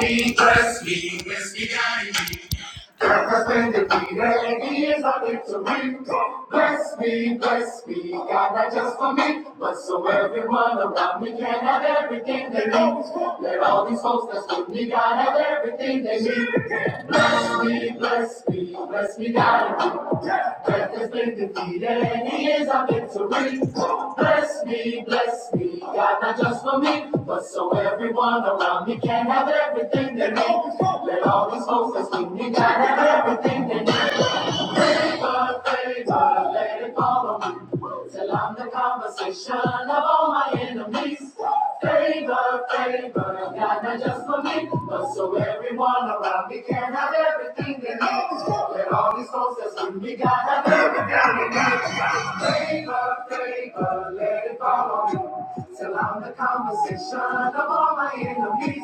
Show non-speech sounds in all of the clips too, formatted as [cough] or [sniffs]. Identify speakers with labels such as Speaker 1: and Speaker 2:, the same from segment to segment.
Speaker 1: me, bless me, bless me, I need. Represent the tea is a victory. Bless me, bless me, God, not just for me, but so everyone around me can have everything they need. Let all these folks that's with me, God, have everything they need. Bless me, bless me, bless me, God. Death has been defeated, days of victory. Bless me, bless me, God, not just for me, but so everyone around me can have everything they need. Let all these folks that's with me, God, have everything they need. Favor, favor, let it fall on me. Till I'm the conversation of all my enemies please. Favor, favor, God, not just for me, but so everyone around me can have everything they need. Let all these folks that's with me, God, have everything they need. Favor, favor, let it follow me, till I'm the conversation of all my enemies.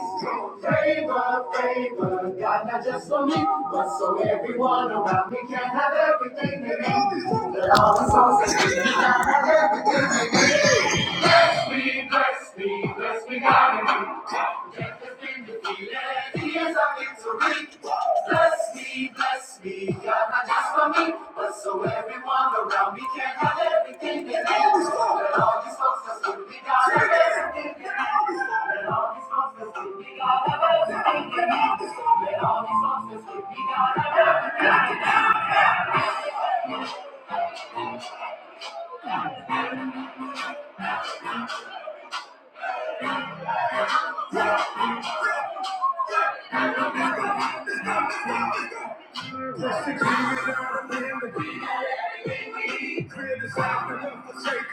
Speaker 1: Favor, favor, God, not just for me, but so everyone around me can have everything they need. Let all these folks that's with me, God, have everything they need. Bless me, bless me, bless me, God indeed. Death has been defeated, he is our victory. Bless me, bless me, God, not just for me, but so everyone around me can have everything they need. Let all these folks that's with me, God, have everything they need. Let all these folks that's with me, God, have everything they need. Let all these folks that's with me, God, have everything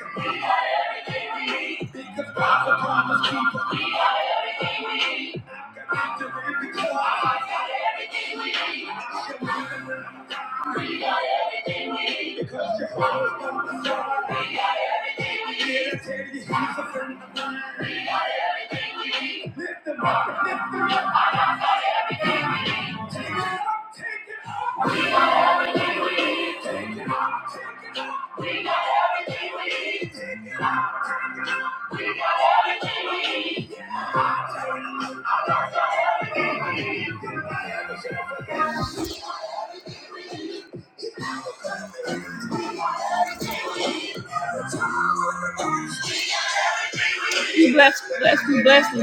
Speaker 1: they need. everything we need. Because Jehovah's gonna solve it. We got everything we need. Yeah, take these hands up it up, take it up. We got everything we need. Take it up. We got everything we need. Bless, bless, bless, bless.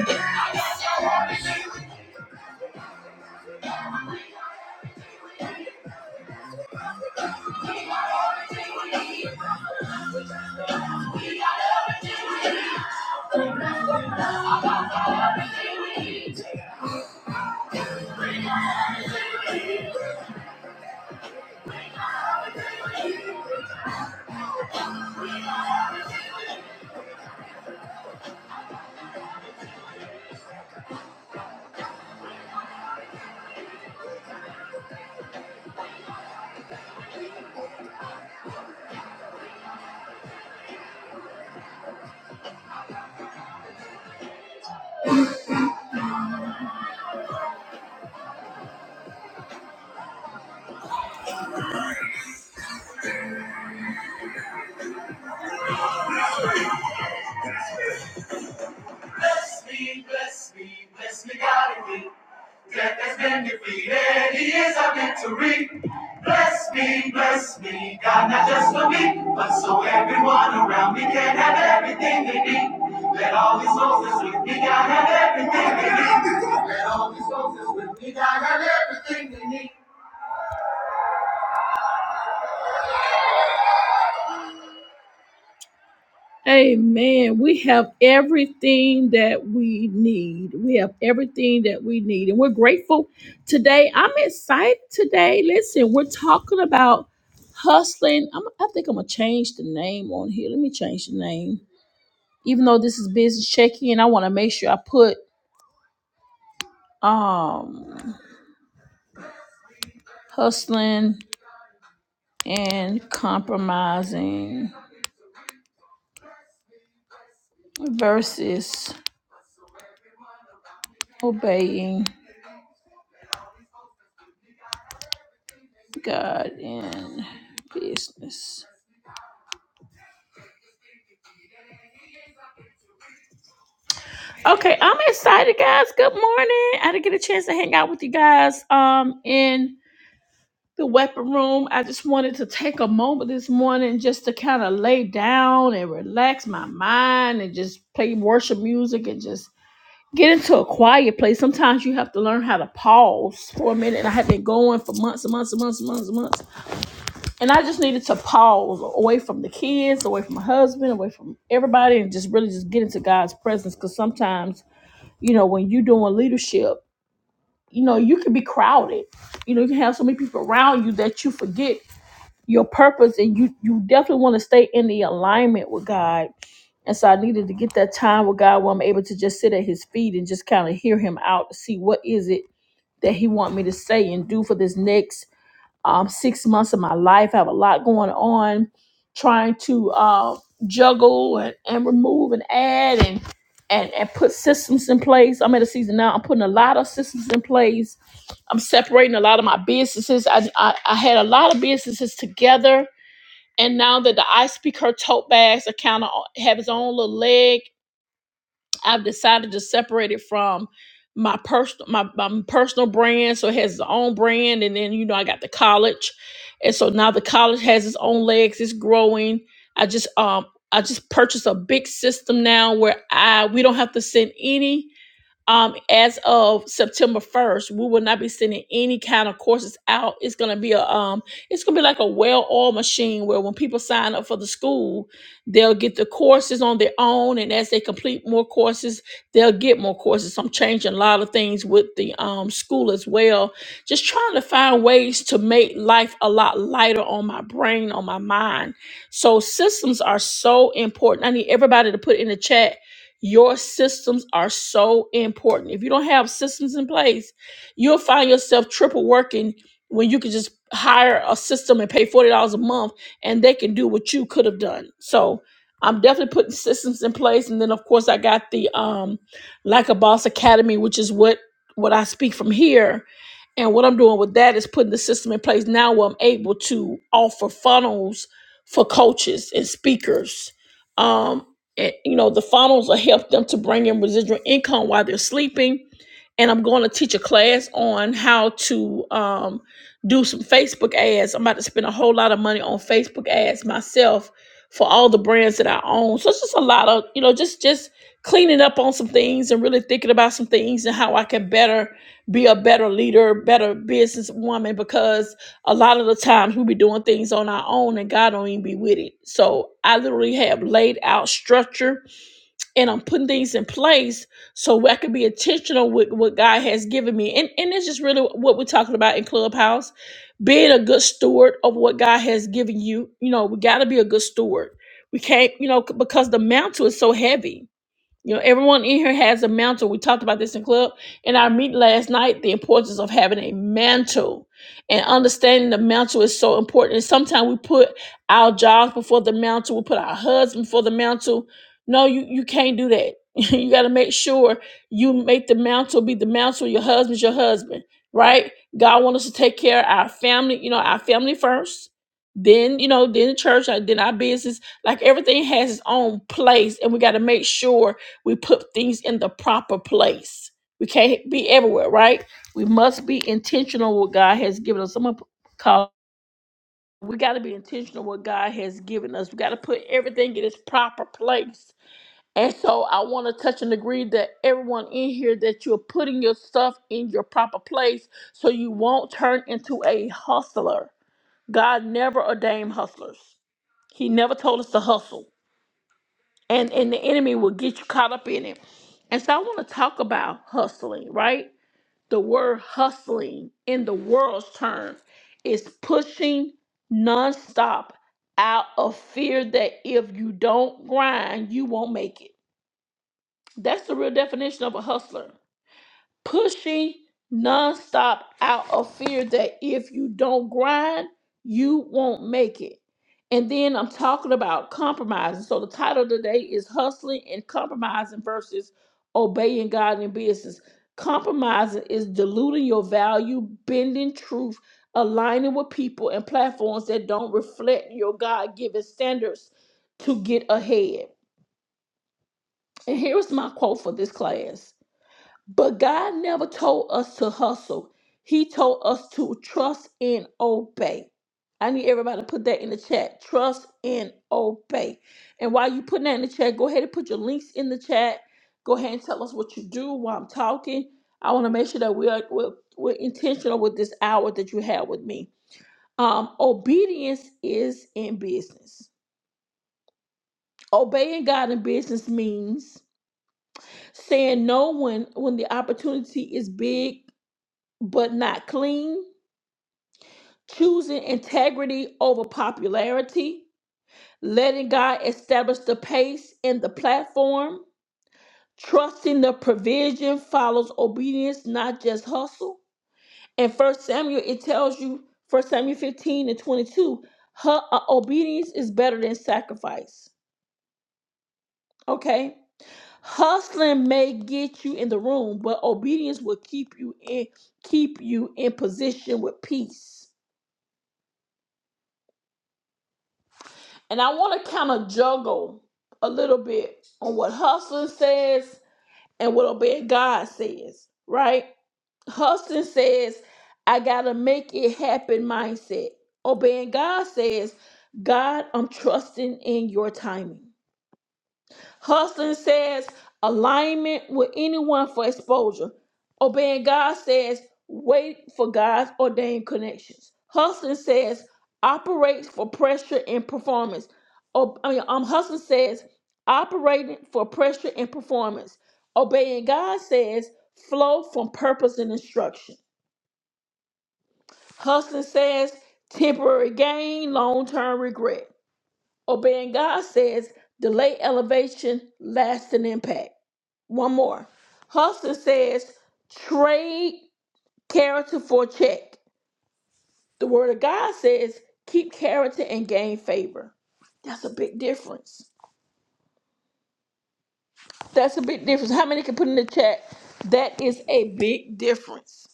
Speaker 1: Bless me, bless me, bless me, God in me. Death has been defeated, He is our victory. Bless me, bless me, God, not just for me, but so everyone around me can have everything they need. Let all these souls that's with me, God, have everything they need. Let all these souls that's with me, God, have everything they need. Amen. We have everything that we need. We have everything that we need. And we're grateful today. I'm excited today. Listen, we're talking about hustling. I'm, I think I'm going to change the name on here. Let me change the name. Even though this is business check-in, I want to make sure I put um hustling and compromising versus obeying God in business. Okay, I'm excited, guys. Good morning. I didn't get a chance to hang out with you guys um in the weapon room. I just wanted to take a moment this morning just to kind of lay down and relax my mind and just play worship music and just get into a quiet place. Sometimes you have to learn how to pause for a minute. And I had been going for months and months and months and months and months. And I just needed to pause away from the kids, away from my husband, away from everybody, and just really just get into God's presence because sometimes you know, when you're doing leadership, you know, you can be crowded. You know, you can have so many people around you that you forget your purpose and you you definitely want to stay in the alignment with God. And so I needed to get that time with God where I'm able to just sit at his feet and just kind of hear him out to see what is it that he want me to say and do for this next um, six months of my life. I have a lot going on, trying to uh, juggle and, and remove and add and, and and put systems in place. I'm at a season now. I'm putting a lot of systems in place. I'm separating a lot of my businesses. I I, I had a lot of businesses together. And now that the I Speak Her tote bags account have its own little leg I've decided to separate it from my personal my, my personal brand. So it has its own brand, and then you know I got the college, and so now the college has its own legs. It's growing. I just um I just purchased a big system now where I we don't have to send any um, as of September 1st, we will not be sending any kind of courses out. It's gonna be a um, it's gonna be like a well-oiled machine where when people sign up for the school, they'll get the courses on their own, and as they complete more courses, they'll get more courses. So I'm changing a lot of things with the um, school as well. Just trying to find ways to make life a lot lighter on my brain, on my mind. So systems are so important. I need everybody to put in the chat your systems are so important. If you don't have systems in place, you'll find yourself triple working when you could just hire a system and pay $40 a month and they can do what you could have done. So I'm definitely putting systems in place. And then of course I got the um like a boss academy, which is what what I speak from here. And what I'm doing with that is putting the system in place now where I'm able to offer funnels for coaches and speakers. Um, and, you know, the funnels will help them to bring in residual income while they're sleeping. And I'm going to teach a class on how to um, do some Facebook ads. I'm about to spend a whole lot of money on Facebook ads myself for all the brands that I own. So it's just a lot of, you know, just just cleaning up on some things and really thinking about some things and how I can better be a better leader, better businesswoman because a lot of the times we be doing things on our own and God don't even be with it. So I literally have laid out structure and I'm putting things in place so I can be intentional with what God has given me. And and it's just really what we're talking about in Clubhouse. Being a good steward of what God has given you. You know, we gotta be a good steward. We can't, you know, c- because the mantle is so heavy you know, everyone in here has a mantle. We talked about this in club in our meeting last night. The importance of having a mantle and understanding the mantle is so important. And sometimes we put our jobs before the mantle. We put our husband before the mantle. No, you you can't do that. [laughs] you got to make sure you make the mantle be the mantle. Your husband's your husband, right? God wants us to take care of our family. You know, our family first. Then you know, then the church, and then our business. Like everything has its own place, and we got to make sure we put things in the proper place. We can't be everywhere, right? We must be intentional what God has given us. Someone call we gotta be intentional what God has given us. We gotta put everything in its proper place. And so I want to touch and agree that everyone in here that you're putting your stuff in your proper place so you won't turn into a hustler. God never ordained hustlers. He never told us to hustle and and the enemy will get you caught up in it. And so I want to talk about hustling, right? The word hustling in the world's term is pushing nonstop out of fear that if you don't grind, you won't make it. That's the real definition of a hustler pushing nonstop out of fear that if you don't grind, you won't make it. And then I'm talking about compromising. So the title today is Hustling and Compromising versus Obeying God in Business. Compromising is diluting your value, bending truth, aligning with people and platforms that don't reflect your God given standards to get ahead. And here's my quote for this class but God never told us to hustle. He told us to trust and obey. I need everybody to put that in the chat. Trust and obey. And while you putting that in the chat, go ahead and put your links in the chat. Go ahead and tell us what you do while I'm talking. I want to make sure that we are we're, we're intentional with this hour that you have with me. Um, obedience is in business. Obeying God in business means saying no when when the opportunity is big but not clean, choosing integrity over popularity, letting God establish the pace and the platform, trusting the provision follows obedience, not just hustle. And First Samuel, it tells you, First Samuel 15 and 22, her uh, obedience is better than sacrifice. Okay, hustling may get you in the room, but obedience will keep you in keep you in position with peace. And I want to kind of juggle a little bit on what hustling says and what Obey God says, right? Hustling says, I got to make it happen mindset. Obeying God says, God, I'm trusting in your timing. Hustling says alignment with anyone for exposure. Obeying God says wait for God's ordained connections. Hustling says operates for pressure and performance. Ob- I mean, um, hustling says operating for pressure and performance. Obeying God says flow from purpose and instruction. Hustling says temporary gain, long term regret. Obeying God says delay elevation, lasting impact. One more. Huston says, trade character for check. The word of God says, keep character and gain favor. That's a big difference. That's a big difference. How many can put in the chat? That is a big difference.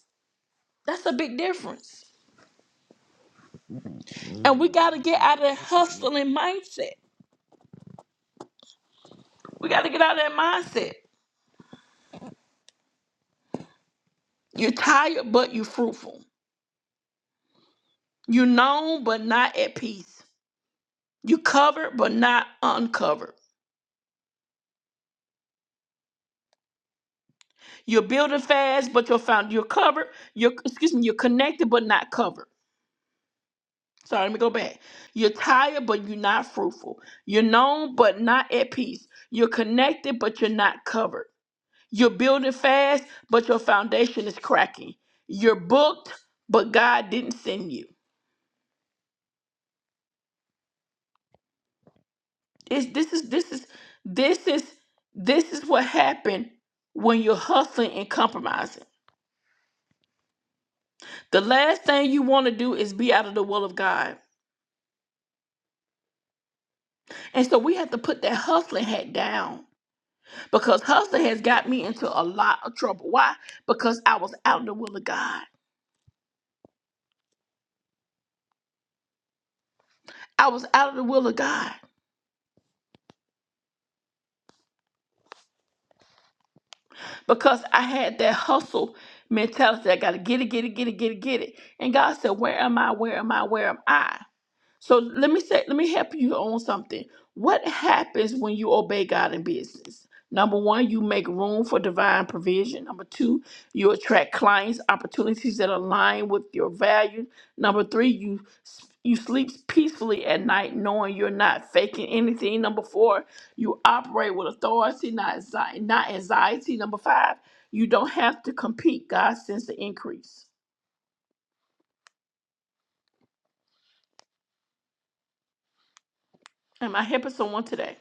Speaker 1: That's a big difference. And we got to get out of that hustling mindset. We got to get out of that mindset. You're tired, but you're fruitful. You're known, but not at peace. You're covered, but not uncovered. You're building fast, but you're found you're covered. You're excuse me, you're connected but not covered. Sorry, let me go back. You're tired, but you're not fruitful. You're known, but not at peace. You're connected, but you're not covered. You're building fast, but your foundation is cracking. You're booked, but God didn't send you. It's, this is this is this is this is what happened when you're hustling and compromising. The last thing you want to do is be out of the will of God. And so we have to put that hustling hat down because hustling has got me into a lot of trouble. Why? Because I was out of the will of God. I was out of the will of God because I had that hustle mentality. I got to get it, get it, get it, get it, get it. And God said, Where am I? Where am I? Where am I? So let me say, let me help you on something. What happens when you obey God in business? Number one, you make room for divine provision. Number two, you attract clients, opportunities that align with your values. Number three, you you sleep peacefully at night, knowing you're not faking anything. Number four, you operate with authority, not anxi- not anxiety. Number five, you don't have to compete. God sends the increase. Am I helping someone today?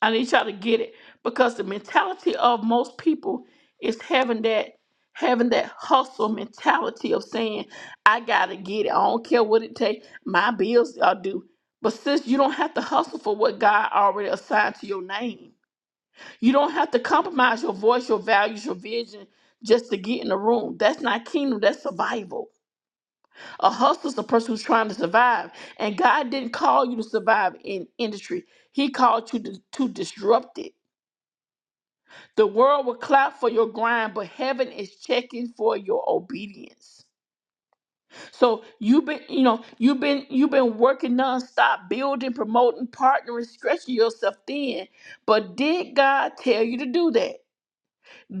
Speaker 1: I need y'all to get it because the mentality of most people is having that having that hustle mentality of saying, I gotta get it. I don't care what it takes, my bills are due. But sis, you don't have to hustle for what God already assigned to your name. You don't have to compromise your voice, your values, your vision just to get in the room. That's not kingdom, that's survival. A hustler is a person who's trying to survive. And God didn't call you to survive in industry. He called you to, to disrupt it. The world will clap for your grind, but heaven is checking for your obedience. So you've been, you know, you've been you've been working nonstop, building, promoting, partnering, stretching yourself thin. But did God tell you to do that?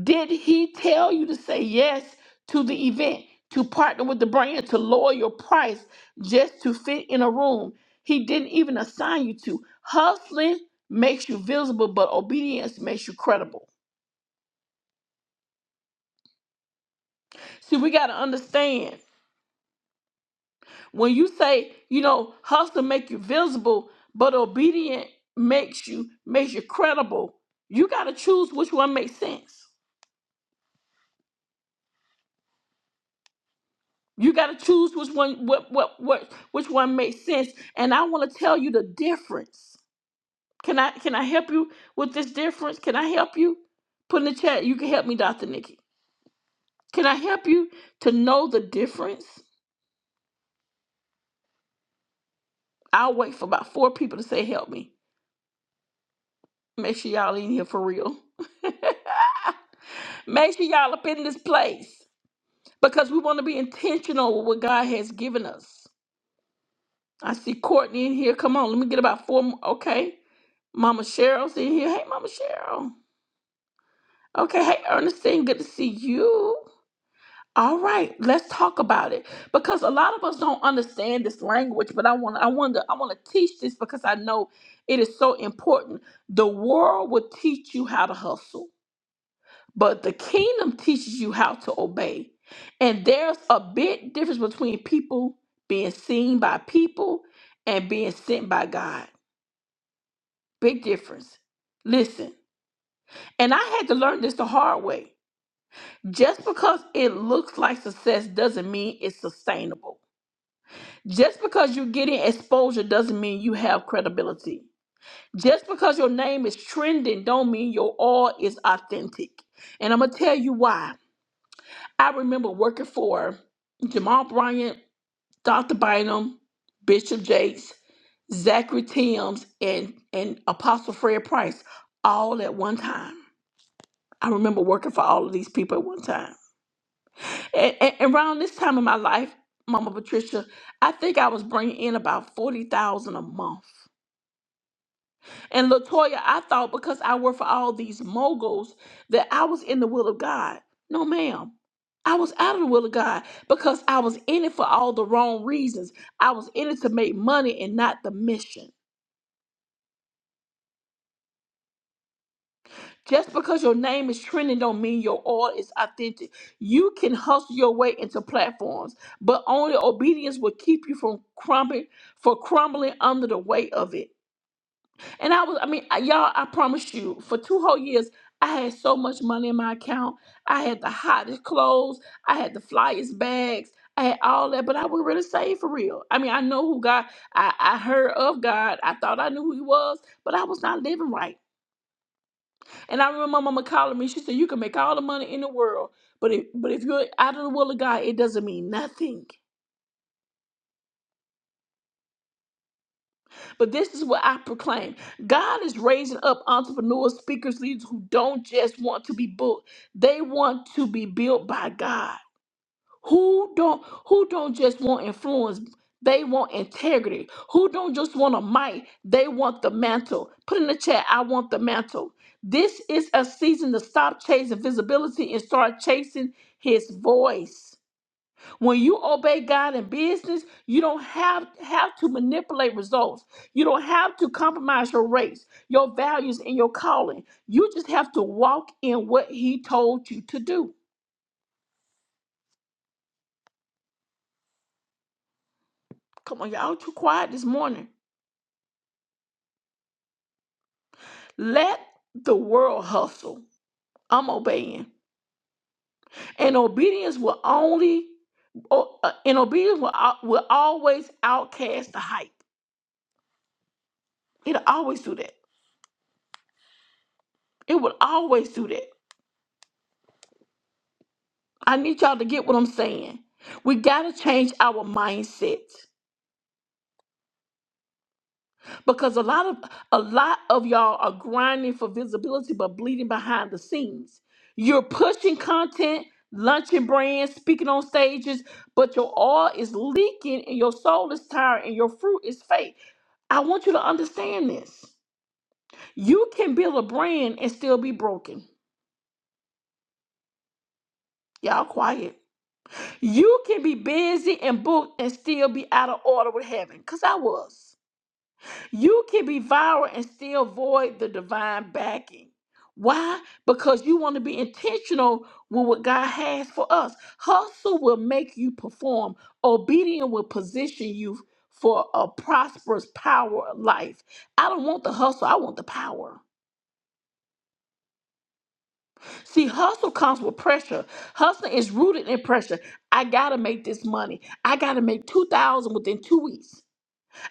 Speaker 1: Did He tell you to say yes to the event, to partner with the brand, to lower your price just to fit in a room? He didn't even assign you to. Hustling makes you visible, but obedience makes you credible. See, we got to understand When you say, you know, hustle make you visible, but obedient makes you makes you credible. You got to choose which one makes sense. You got to choose which one what what what which one makes sense. And I want to tell you the difference. Can I can I help you with this difference? Can I help you? Put in the chat. You can help me, Dr. Nikki. Can I help you to know the difference? I'll wait for about four people to say help me. Make sure y'all in here for real. [laughs] Make sure y'all up in this place because we want to be intentional with what God has given us. I see Courtney in here. Come on, let me get about four more. Okay. Mama Cheryl's in here. Hey, Mama Cheryl. Okay. Hey, Ernestine, good to see you. All right, let's talk about it because a lot of us don't understand this language, but I want I want to I want to teach this because I know it is so important. The world will teach you how to hustle. But the kingdom teaches you how to obey. And there's a big difference between people being seen by people and being sent by God. Big difference. Listen, and I had to learn this the hard way. Just because it looks like success doesn't mean it's sustainable. Just because you're getting exposure doesn't mean you have credibility. Just because your name is trending don't mean your all is authentic. And I'm going to tell you why. I remember working for Jamal Bryant, Dr. Bynum, Bishop Jakes, Zachary Timms, and, and Apostle Fred Price all at one time. I remember working for all of these people at one time. And, and and around this time in my life, Mama Patricia, I think I was bringing in about 40000 a month. And Latoya, I thought because I worked for all these moguls that I was in the will of God. No, ma'am. I was out of the will of God because I was in it for all the wrong reasons. I was in it to make money and not the mission. Just because your name is trending don't mean your oil is authentic. You can hustle your way into platforms, but only obedience will keep you from crumbling for crumbling under the weight of it. And I was, I mean, I- y'all, I promise you, for two whole years, I had so much money in my account. I had the hottest clothes. I had the flyest bags. I had all that, but I wasn't really saved for real. I mean, I know who God, I, I heard of God. I thought I knew who He was, but I was not living right. And I remember my mama calling me. She said, You can make all the money in the world, but if, but if you're out of the will of God, it doesn't mean nothing. But this is what I proclaim God is raising up entrepreneurs, speakers, leaders who don't just want to be booked, they want to be built by God. Who don't who don't just want influence, they want integrity. Who don't just want a mic, they want the mantle. Put in the chat, I want the mantle. This is a season to stop chasing visibility and start chasing his voice. When you obey God in business, you don't have have to manipulate results. You don't have to compromise your race, your values, and your calling. You just have to walk in what He told you to do. Come on, y'all too quiet this morning. Let the world hustle. I'm obeying, and obedience will only o- uh, and obedience will, al- will always outcast the hype. It'll always do that. It will always do that. I need y'all to get what I'm saying. We got to change our mindset because a lot of a lot of y'all are grinding for visibility but bleeding behind the scenes. You're pushing content, launching brands, speaking on stages, but your oil is leaking and your soul is tired and your fruit is fake. I want you to understand this. You can build a brand and still be broken. Y'all quiet. You can be busy and booked and still be out of order with heaven. Cause I was. You can be viral and still void the divine backing. Why? Because you want to be intentional with what God has for us. Hustle will make you perform, obedience will position you for a prosperous power of life. I don't want the hustle, I want the power. See, hustle comes with pressure. Hustle is rooted in pressure. I gotta make this money. I gotta make two thousand within two weeks.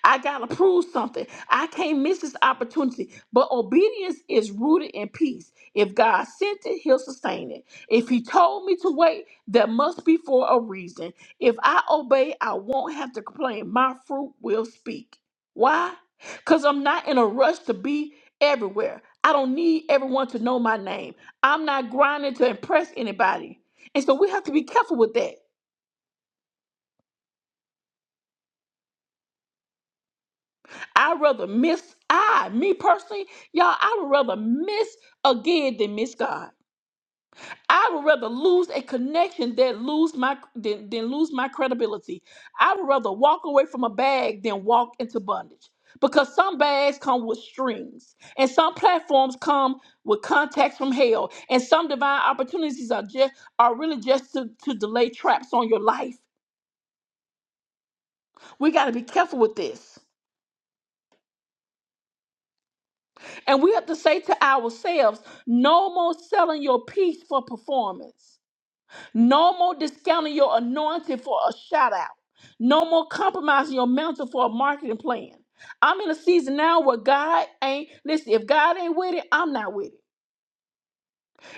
Speaker 1: I got to prove something. I can't miss this opportunity. But obedience is rooted in peace. If God sent it, He'll sustain it. If He told me to wait, that must be for a reason. If I obey, I won't have to complain. My fruit will speak. Why? Because I'm not in a rush to be everywhere. I don't need everyone to know my name. I'm not grinding to impress anybody. And so we have to be careful with that. I'd rather miss I, me personally, y'all, I would rather miss again than miss God. I would rather lose a connection than lose my than, than lose my credibility. I would rather walk away from a bag than walk into bondage. Because some bags come with strings, and some platforms come with contacts from hell, and some divine opportunities are just are really just to, to delay traps on your life. We gotta be careful with this. And we have to say to ourselves, no more selling your peace for performance. No more discounting your anointing for a shout out. No more compromising your mantle for a marketing plan. I'm in a season now where God ain't, listen, if God ain't with it, I'm not with it.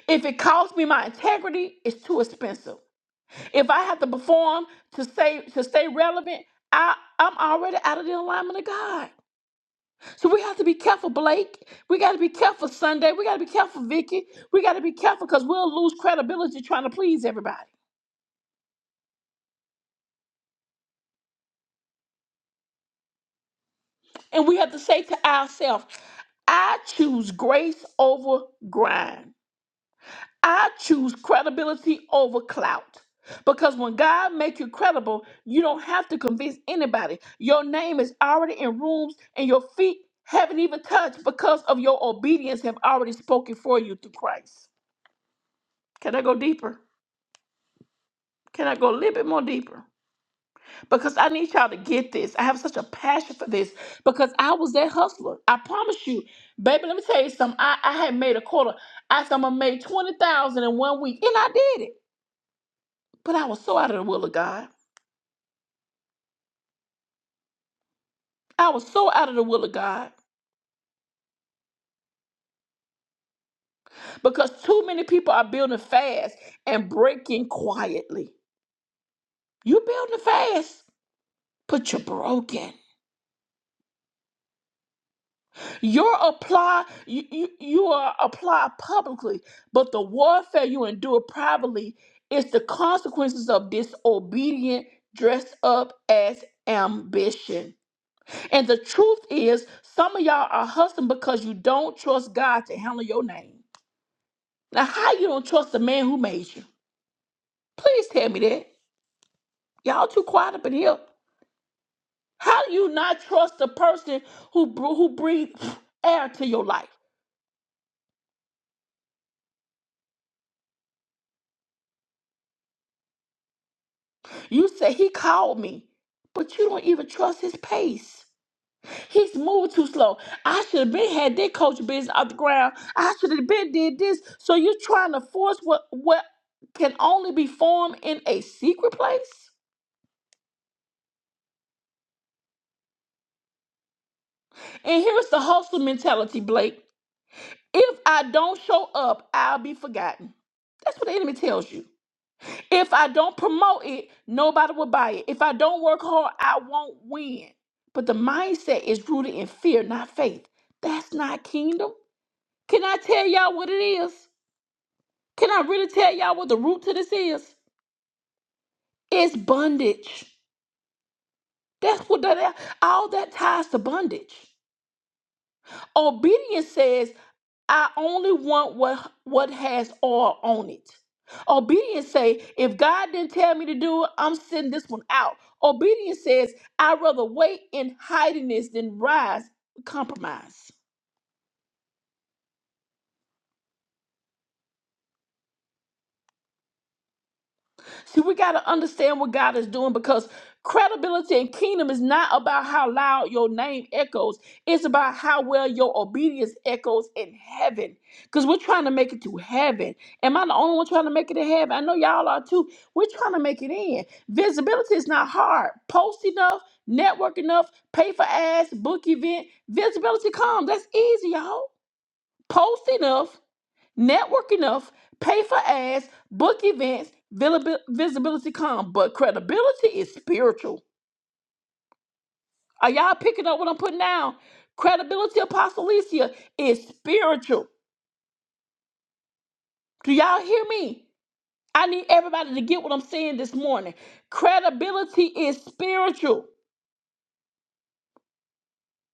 Speaker 1: If it costs me my integrity, it's too expensive. If I have to perform to stay to stay relevant, I, I'm already out of the alignment of God. So we have to be careful, Blake. We got to be careful, Sunday. We got to be careful, Vicky. We got to be careful because we'll lose credibility trying to please everybody. And we have to say to ourselves, I choose grace over grind. I choose credibility over clout. Because when God makes you credible, you don't have to convince anybody. Your name is already in rooms and your feet haven't even touched because of your obedience have already spoken for you through Christ. Can I go deeper? Can I go a little bit more deeper? Because I need y'all to get this. I have such a passion for this because I was that hustler. I promise you, baby. Let me tell you something. I, I had made a quarter. I said I'm gonna make twenty thousand dollars in one week, and I did it. But I was so out of the will of God. I was so out of the will of God because too many people are building fast and breaking quietly. You building fast, but you're broken. Your apply you, you you are applied publicly, but the warfare you endure privately is the consequences of disobedient dressed up as ambition. And the truth is, some of y'all are hustling because you don't trust God to handle your name. Now, how you don't trust the man who made you? Please tell me that. Y'all too quiet up in here. How do you not trust the person who br- who breathed air to your life? You say he called me, but you don't even trust his pace. He's moving too slow. I should have been had that coach business off the ground. I should have been did this. So you're trying to force what what can only be formed in a secret place. And here's the hustle mentality, Blake. If I don't show up, I'll be forgotten. That's what the enemy tells you. If I don't promote it, nobody will buy it. If I don't work hard, I won't win. But the mindset is rooted in fear, not faith. That's not kingdom. Can I tell y'all what it is? Can I really tell y'all what the root to this is? It's bondage. That's what that all that ties to bondage. Obedience says I only want what what has oil on it. Obedience say, if God didn't tell me to do it, I'm sending this one out. Obedience says, I'd rather wait in hidingness than rise compromise. See, we got to understand what God is doing because credibility and kingdom is not about how loud your name echoes, it's about how well your obedience echoes in heaven. Because we're trying to make it to heaven. Am I the only one trying to make it to heaven? I know y'all are too. We're trying to make it in. Visibility is not hard. Post enough, network enough, pay for ads, book event. Visibility comes. That's easy, y'all. Post enough. Network enough, pay for ads, book events, vilib- visibility come, but credibility is spiritual. Are y'all picking up what I'm putting down? Credibility, Apostle Alicia, is spiritual. Do y'all hear me? I need everybody to get what I'm saying this morning. Credibility is spiritual.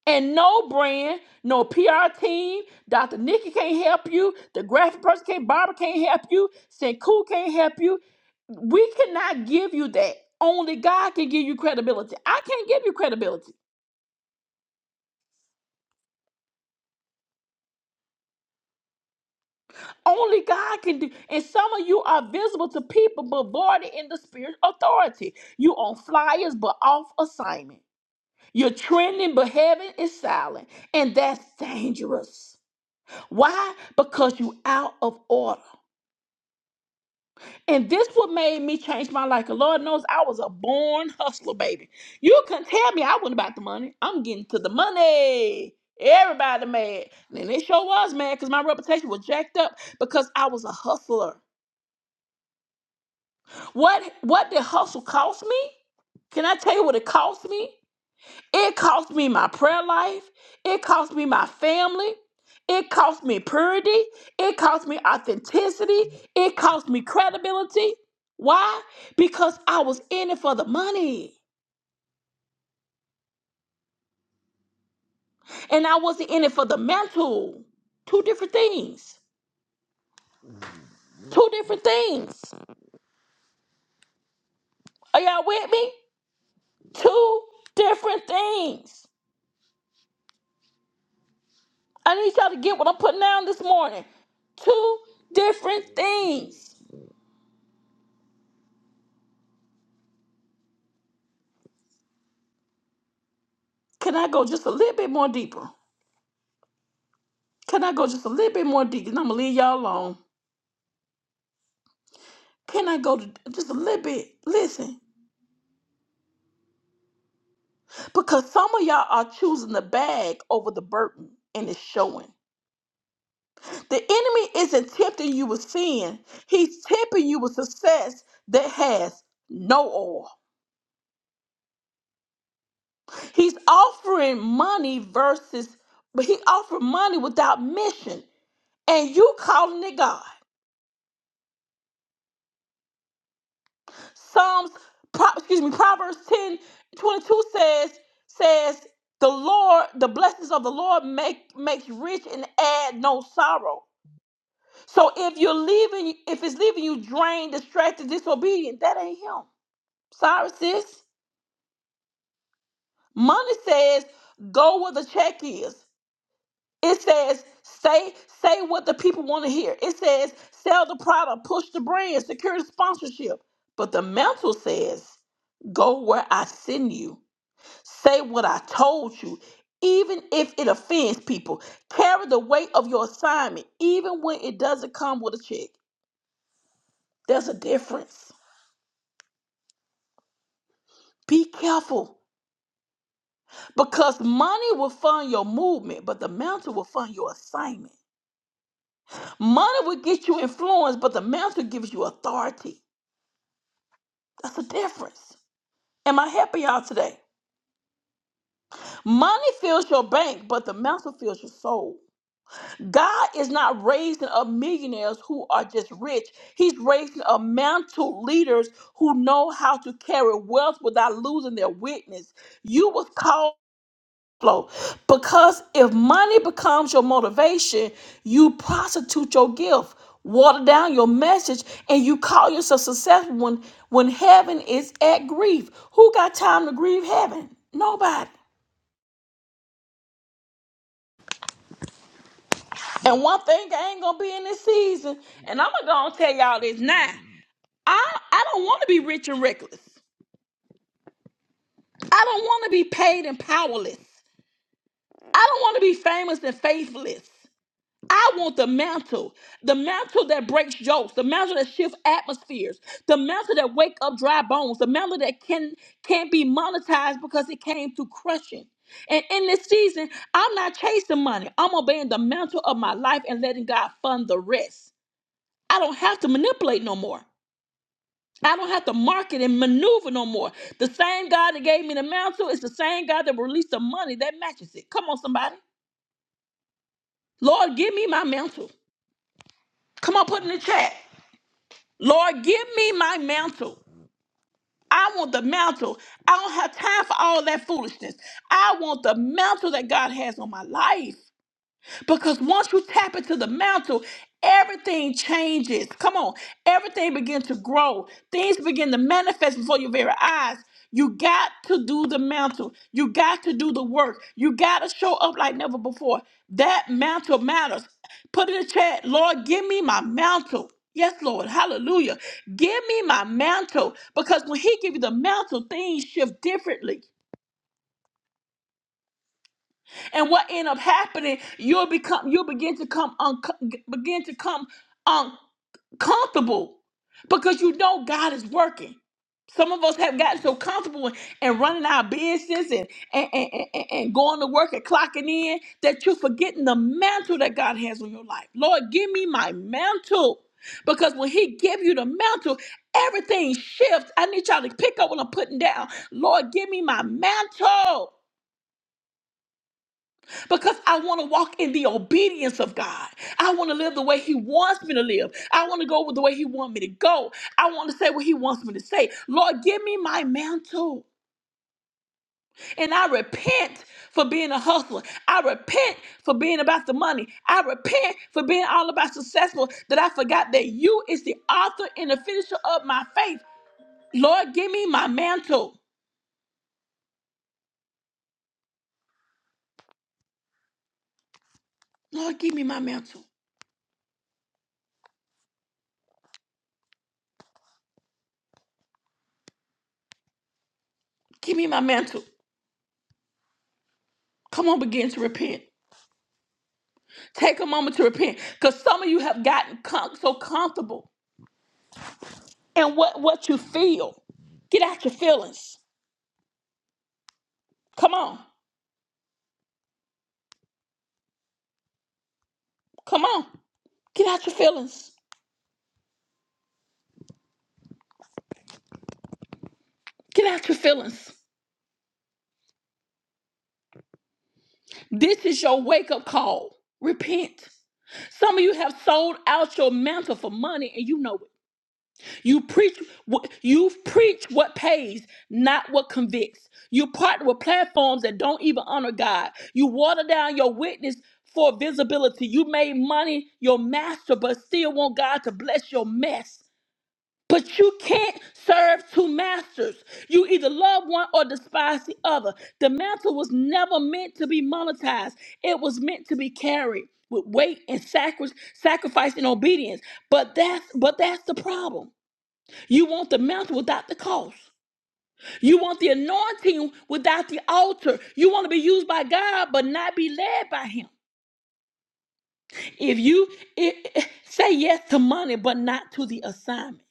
Speaker 1: And no brand, no PR team, Dr. Nikki can't help you, the graphic person can't, Barbara can't help you, Senku can't help you. We cannot give you that. Only God can give you credibility. I can't give you credibility. Only God can do. And some of you are visible to people, but voided in the spirit of authority. You on flyers, but off assignment. You're trending, but heaven is silent. And that's dangerous. Why? Because you out of order. And this what made me change my life. 'Cause Lord knows I was a born hustler, baby. You can tell me I wasn't about the money. I'm getting to the money. Everybody mad. And they sure was mad because my reputation was jacked up because I was a hustler. What what did hustle cost me? Can I tell you what it cost me? It cost me my prayer life. It cost me my family. It cost me purity. It cost me authenticity. It cost me credibility. Why? Because I was in it for the money and I wasn't in it for the mantle. Two different things. Two different things. Are y'all with me? Two different things. I need y'all to get what I'm putting down this morning. Two different things. Can I go just a little bit more deeper? Can I go just a little bit more deep? And I'm gonna leave y'all alone. Can I go to just a little bit? Listen, because some of y'all are choosing the bag over the burden, and it's showing. The enemy isn't tempting you with sin; he's tempting you with success that has no oil. He's offering money versus, but he offered money without mission, and you calling it God. Psalms, Pro, excuse me, Proverbs 10 22 says, says the Lord, the blessings of the Lord make makes rich and add no sorrow. So if you're leaving, if it's leaving you drained, distracted, disobedient, that ain't him. Sorry, sis. Money says, go where the check is. It says, say, say what the people want to hear. It says, sell the product, push the brand, secure the sponsorship. But the mantle says, go where I send you. Say what I told you, even if it offends people. Carry the weight of your assignment, even when it doesn't come with a check. There's a difference. Be careful because money will fund your movement, but the mantle will fund your assignment. Money will get you influence, but the mantle gives you authority. That's the difference. Am I helping y'all today? Money fills your bank, but the mantle fills your soul. God is not raising up millionaires who are just rich. He's raising up mantle leaders who know how to carry wealth without losing their witness. You was called flow because if money becomes your motivation, you prostitute your gift, water down your message, and you call yourself successful when when heaven is at grief. Who got time to grieve heaven? Nobody. And one thing I ain't gonna be in this season, and I'm gonna go and tell y'all this now. I I don't want to be rich and reckless. I don't want to be paid and powerless. I don't want to be famous and faithless. I want the mantle, the mantle that breaks yokes, the mantle that shifts atmospheres, the mantle that wake up dry bones, the mantle that can can't be monetized because it came through crushing. And in this season, I'm not chasing money. I'm obeying the mantle of my life and letting God fund the rest. I don't have to manipulate no more. I don't have to market and maneuver no more. The same God that gave me the mantle is the same God that released the money that matches it. Come on, somebody. Lord, give me my mantle. Come on, put in the chat. Lord, give me my mantle. I want the mantle. I don't have time for all that foolishness. I want the mantle that God has on my life. Because once you tap into the mantle, everything changes. Come on. Everything begins to grow. Things begin to manifest before your very eyes. You got to do the mantle. You got to do the work. You got to show up like never before. That mantle matters. Put in the chat, Lord, give me my mantle. Yes, Lord. Hallelujah. Give me my mantle. Because when He gives you the mantle, things shift differently. And what end up happening, you'll become you'll begin to come unco- begin to come uncomfortable because you know God is working. Some of us have gotten so comfortable in, in running our business and, and, and, and, and going to work and clocking in that you're forgetting the mantle that God has on your life. Lord, give me my mantle. Because when he give you the mantle, everything shifts. I need y'all to pick up what I'm putting down. Lord, give me my mantle because I want to walk in the obedience of God. I want to live the way He wants me to live. I want to go with the way He wants me to go. I want to say what He wants me to say. Lord, give me my mantle. And I repent for being a hustler. I repent for being about the money. I repent for being all about successful that I forgot that you is the author and the finisher of my faith. Lord, give me my mantle. Lord, give me my mantle. Give me my mantle. Come on, begin to repent. Take a moment to repent because some of you have gotten com- so comfortable in what, what you feel. Get out your feelings. Come on. Come on. Get out your feelings. Get out your feelings. This is your wake up call. Repent. Some of you have sold out your mantle for money and you know it. You preach what you preach what pays, not what convicts. You partner with platforms that don't even honor God. You water down your witness for visibility. You made money your master, but still want God to bless your mess. But you can't serve two masters. You either love one or despise the other. The mantle was never meant to be monetized. It was meant to be carried with weight and sacri- sacrifice and obedience. But that's but that's the problem. You want the mantle without the cost. You want the anointing without the altar. You want to be used by God but not be led by Him. If you i- i- say yes to money but not to the assignment,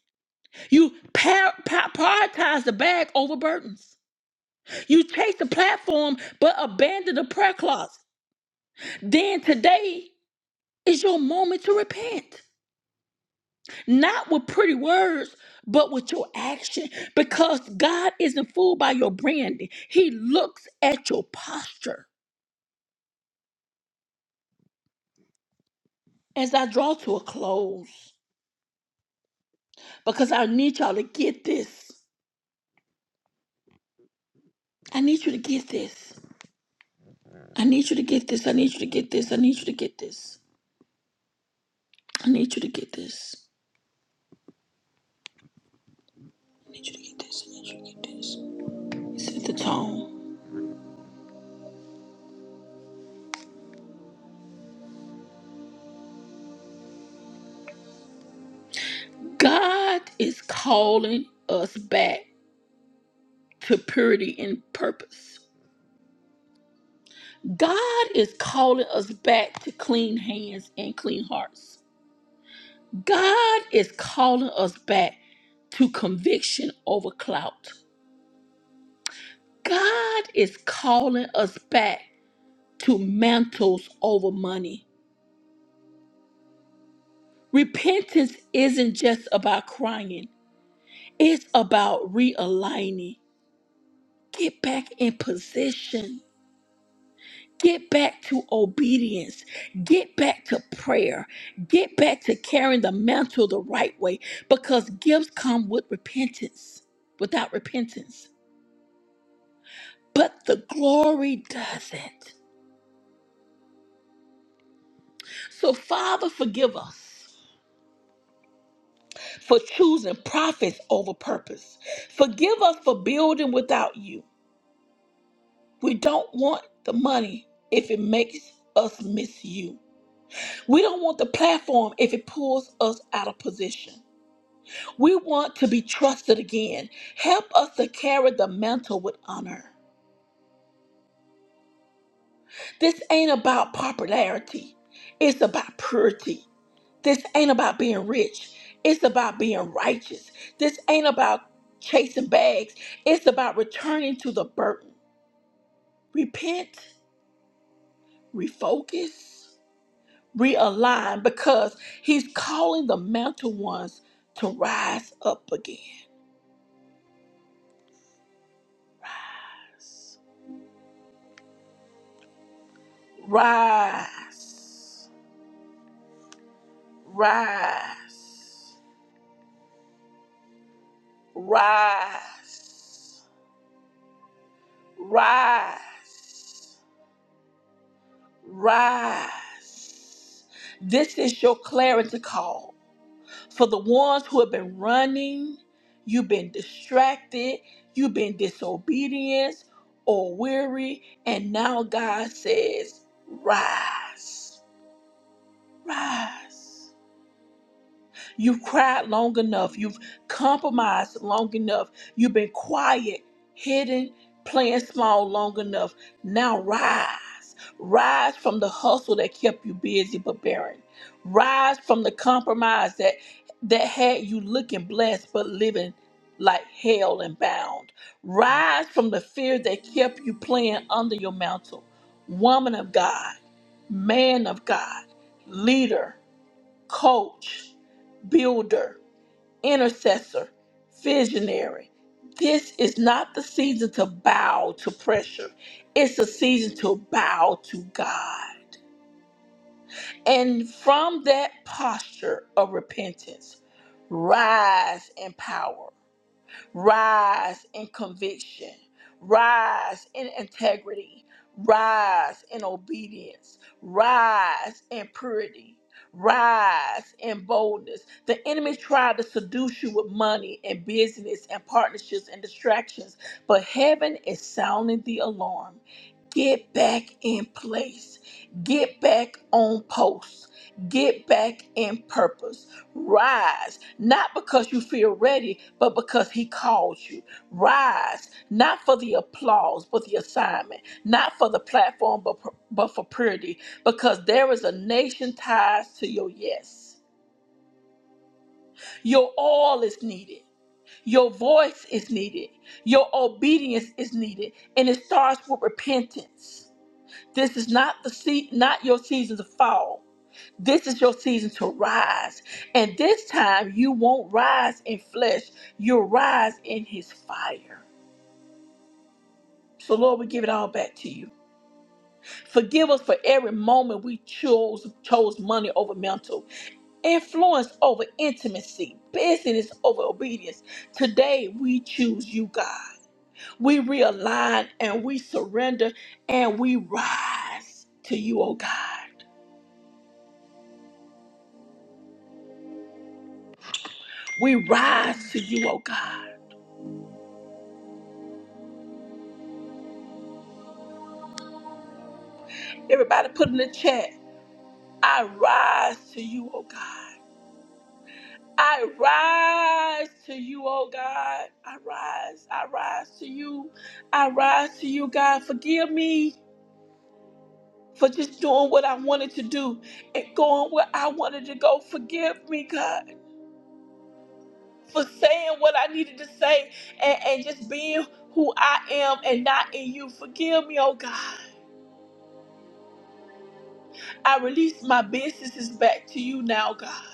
Speaker 1: you par- par- prioritize the bag over burdens. You chase the platform but abandon the prayer closet. Then today is your moment to repent. not with pretty words, but with your action, because God isn't fooled by your branding. He looks at your posture. As I draw to a close, because I need y'all to get this. I need you to get this. I need you to get this. I need you to get this. I need you to get this. I need you to get this. I need you to get this. I need you to get this. Set the tone. God is calling us back to purity and purpose. God is calling us back to clean hands and clean hearts. God is calling us back to conviction over clout. God is calling us back to mantles over money. Repentance isn't just about crying, it's about realigning. Get back in position Get back to obedience. Get back to prayer. Get back to carrying the mantle the right way because gifts come with repentance, without repentance. But the glory doesn't. So, Father, forgive us for choosing prophets over purpose. Forgive us for building without you. We don't want the money if it makes us miss you. We don't want the platform if it pulls us out of position. We want to be trusted again. Help us to carry the mantle with honor. This ain't about popularity, it's about purity. This ain't about being rich, it's about being righteous. This ain't about chasing bags, it's about returning to the burden. Repent, refocus, realign because He's calling the mantle ones to rise up again. Rise, rise. Rise, rise, rise. This is your clarity call. For the ones who have been running, you've been distracted, you've been disobedient or weary, and now God says, Rise, rise. You've cried long enough. You've compromised long enough. You've been quiet, hidden, playing small long enough. Now rise. Rise from the hustle that kept you busy but barren. Rise from the compromise that that had you looking blessed but living like hell and bound. Rise from the fear that kept you playing under your mantle. Woman of God, man of God, leader coach, builder, intercessor, visionary. This is not the season to bow to pressure. It's a season to bow to God. And from that posture of repentance, rise in power Rise in conviction, rise in integrity, rise in obedience, rise in purity. Rise in boldness. The enemy tried to seduce you with money and business and partnerships and distractions, but heaven is sounding the alarm. Get back in place. Get back on post. Get back in purpose Rise, not because you feel ready, but because He called you. Rise, not for the applause, but the assignment, not for the platform, but, but for purity, because there is a nation tied to your yes. Your all is needed, your voice is needed, your obedience is needed, and it starts with repentance. This is not the seat, not your season to fall. This is your season to rise. And this time you won't rise in flesh, you'll rise in his fire. So Lord, we give it all back to you. Forgive us for every moment we chose chose money over mental, influence over intimacy, business over obedience. Today we choose you, God. We realign and we surrender and we rise to you, oh God. We rise to you, oh God. Everybody put in the chat. I rise to you, oh God. I rise to you, oh God. I rise. I rise to you. I rise to you, God. Forgive me for just doing what I wanted to do and going where I wanted to go. Forgive me, God, for saying what I needed to say and, and just being who I am and not in you. Forgive me, oh God. I release my businesses back to you now, God.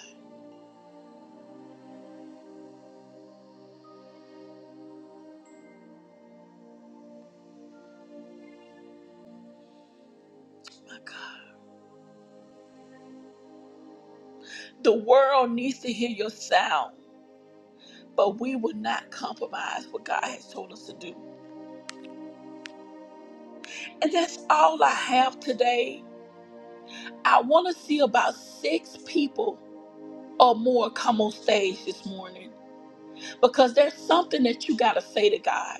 Speaker 1: My God. The world needs to hear your sound. but we will not compromise what God has told us to do. And that's all I have today. I want to see about six people or more come on stage this morning because there's something that you got to say to God.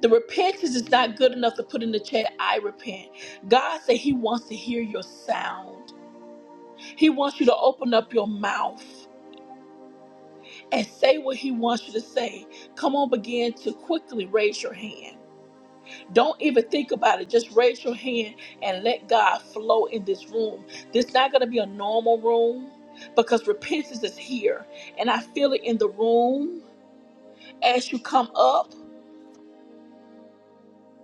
Speaker 1: The repentance is not good enough to put in the chat, I repent. God said He wants to hear your sound, He wants you to open up your mouth and say what He wants you to say. Come on, begin to quickly raise your hand. Don't even think about it. Just raise your hand and let God flow in this room. This is not going to be a normal room because repentance is here. And I feel it in the room as you come up.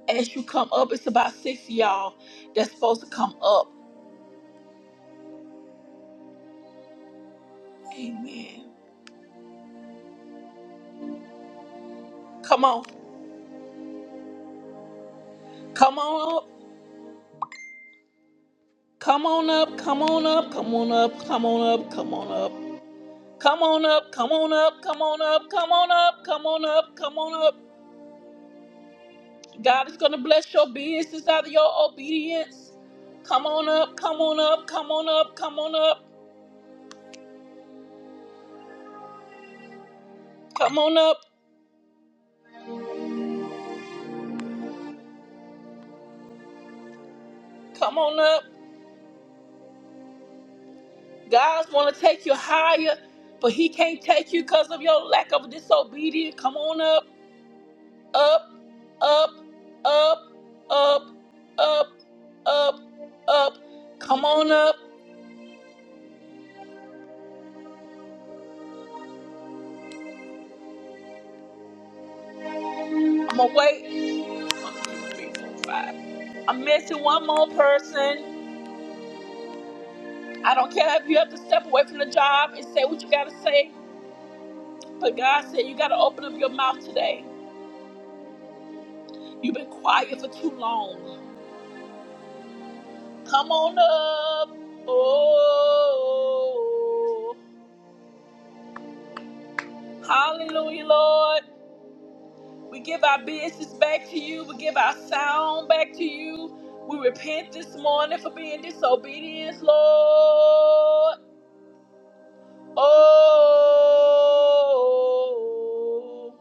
Speaker 1: As you come up, it's about six of y'all that's supposed to come up. Amen. Come on. Come on up. Come on up. Come on up. Come on up. Come on up. Come on up. Come on up, come on up, come on up, come on up, come on up, come on up. God is going to bless your business out of your obedience. Come on up, come on up, come on up, come on up, come on up, come on up. God's want to take you higher, but He can't take you because of your lack of disobedience. Come on up, up, up, up, up, up, up, up. Come on up. I'm going to wait. One, two, three, four, five. I'm missing one more person. I don't care if you have to step away from the job and say what you got to say, but God said you got to open up your mouth today. You've been quiet for too long. Come on up. Oh, hallelujah, Lord. We give our business back to you. We give our sound back to you. We repent this morning for being disobedient, Lord. Oh,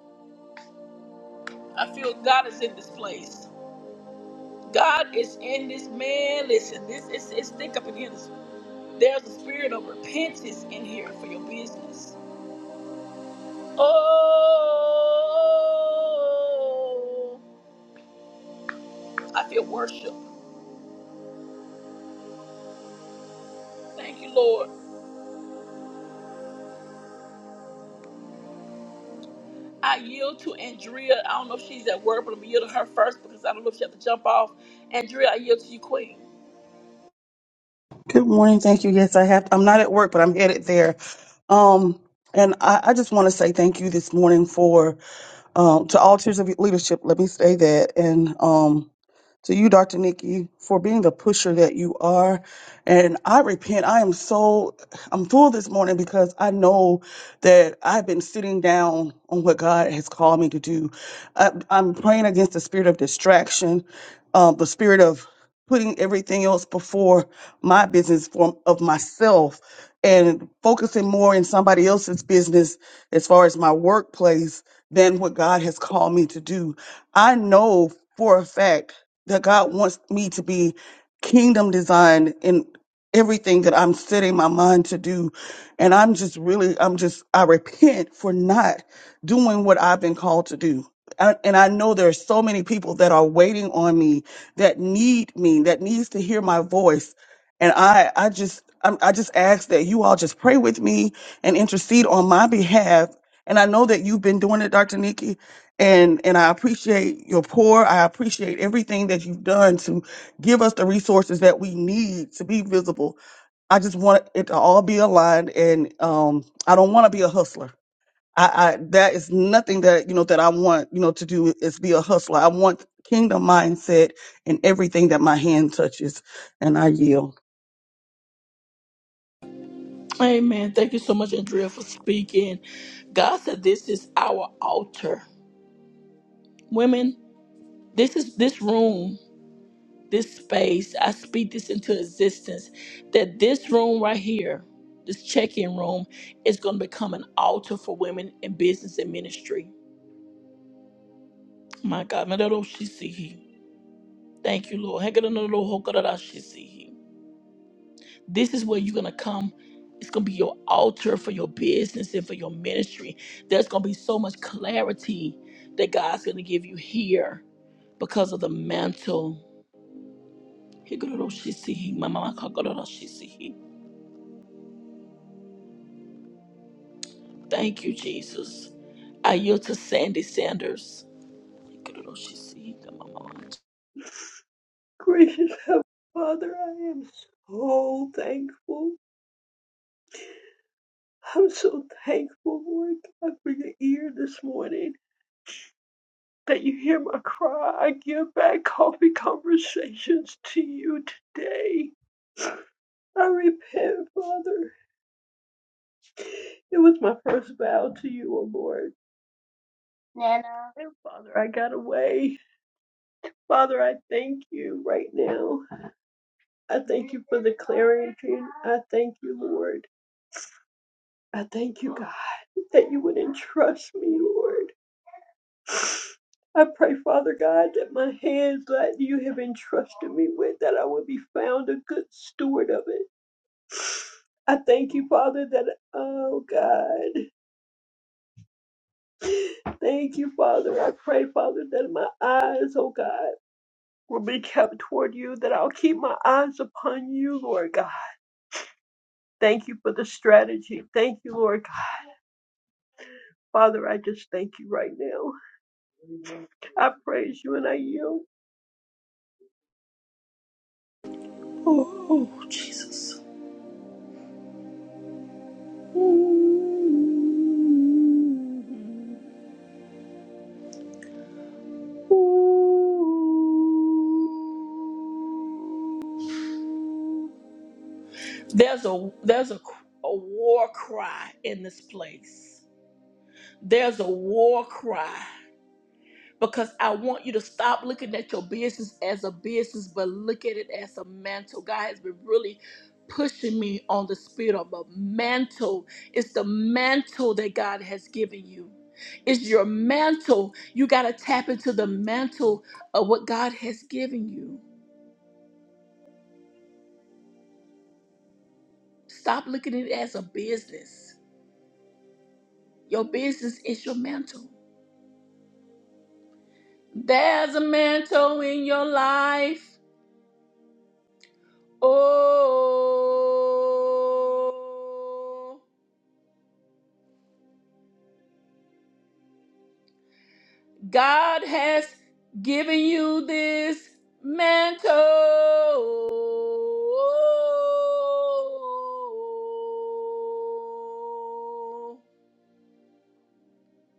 Speaker 1: I feel God is in this place. God is in this man. Listen, this is it's thick up in here. There's a spirit of repentance in here for your business. Oh, I feel worship. Thank you, Lord. I yield to Andrea. I don't know if she's at work, but I'm gonna yield to her first because I don't know if she has to jump off. Andrea, I yield to you, Queen.
Speaker 2: Good morning. Thank you. Yes, I have. I'm not at work, but I'm headed there. Um, and I, I just want to say thank you this morning for um, to all tiers of leadership. Let me say that, and um, to you, Dr. Nikki, for being the pusher that you are. And I repent. I am so, I'm full this morning because I know that I've been sitting down on what God has called me to do. I, I'm praying against the spirit of distraction, um, the spirit of putting everything else before my business form of myself and focusing more in somebody else's business as far as my workplace than what God has called me to do. I know for a fact that God wants me to be kingdom designed in everything that I'm setting my mind to do. And I'm just really, I'm just, I repent for not doing what I've been called to do. I, and I know there are so many people that are waiting on me that need me, that needs to hear my voice. And I, I just, I'm, I just ask that you all just pray with me and intercede on my behalf. And I know that you've been doing it, Dr. Nikki, and and I appreciate your pour. I appreciate everything that you've done to give us the resources that we need to be visible. I just want it to all be aligned, and um, I don't want to be a hustler. I, I that is nothing that you know that I want you know to do is be a hustler. I want kingdom mindset in everything that my hand touches, and I yield.
Speaker 1: Amen. Thank you so much, Andrea, for speaking. God said, "This is our altar, women. This is this room. this space. I speak this into existence that this room right here, this check in room, is going to become an altar for women in business and ministry. My God, my little she Thank you, Lord. Hey, God, no, no, no, This is where you're going to come. It's going to be your altar for your business and for your ministry. There's going to be so much clarity that God's going to give you here because of the mantle. Hey, God, no, My mama, God, no, no, Thank you, Jesus. I yield to Sandy Sanders.
Speaker 3: Gracious [laughs] Heavenly Father, I am so thankful. I'm so thankful, Lord God, for your ear this morning that you hear my cry. I give back coffee conversations to you today. I repent, Father. It was my first vow to you, O Lord. Nana. And Father, I got away. Father, I thank you right now. I thank you for the clarity. I thank you, Lord. I thank you, God, that you would entrust me, Lord. I pray, Father God, that my hands that you have entrusted me with, that I would be found a good steward of it. I thank you, Father, that, oh God, thank you, Father. I pray, Father, that my eyes, oh God, will be kept toward you, that I'll keep my eyes upon you, Lord God. Thank you for the strategy. Thank you, Lord God. Father, I just thank you right now. I praise you and I yield.
Speaker 1: Oh, Jesus. There's a there's a, a war cry in this place. There's a war cry. because I want you to stop looking at your business as a business, but look at it as a mantle. God has been really pushing me on the spirit of a mantle. It's the mantle that God has given you. It's your mantle. You got to tap into the mantle of what God has given you. Stop looking at it as a business. Your business is your mantle. There's a mantle in your life. Oh. God has given you this mantle.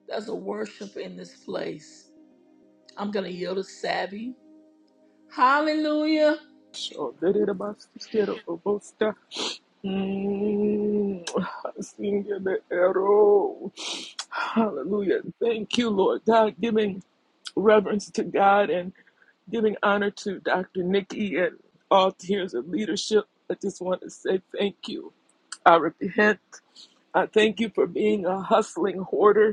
Speaker 1: There's a worship in this place. I'm going to yield to Savvy. Hallelujah.
Speaker 4: Shoderabasikiero obosta. Mm, Senior the arrow. Hallelujah. Thank you, Lord God, giving reverence to God and giving honor to Dr. Nikki and all tiers of leadership. I just want to say thank you. I repent. I thank you for being a hustling hoarder.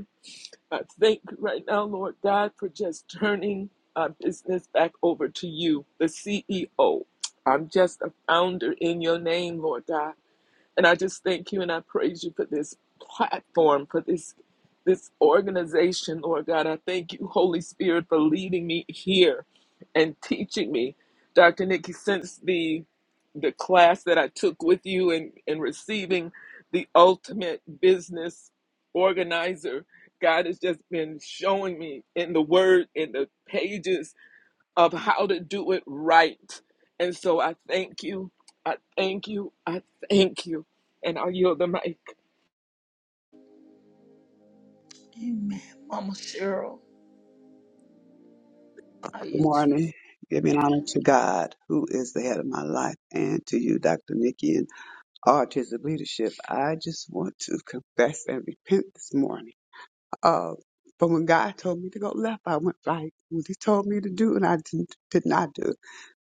Speaker 4: I thank you right now, Lord God, for just turning our business back over to you, the CEO. I'm just a founder in your name, Lord God. And I just thank you and I praise you for this platform, for this this organization, Lord God. I thank you, Holy Spirit, for leading me here and teaching me. Dr. Nikki, since the the class that I took with you and, and receiving the ultimate business organizer, God has just been showing me in the word, in the pages of how to do it right. And so I thank you. I thank you. I thank you. And I yield the mic.
Speaker 1: Amen. Mama Cheryl, I
Speaker 5: Good
Speaker 1: yield to you.
Speaker 5: morning. Giving honor to God, who is the head of my life, and to you, Dr. Nikki, and Autism Leadership. I just want to confess and repent this morning. Uh, from when God told me to go left, I went right. What He told me to do, and I didn't, did not do.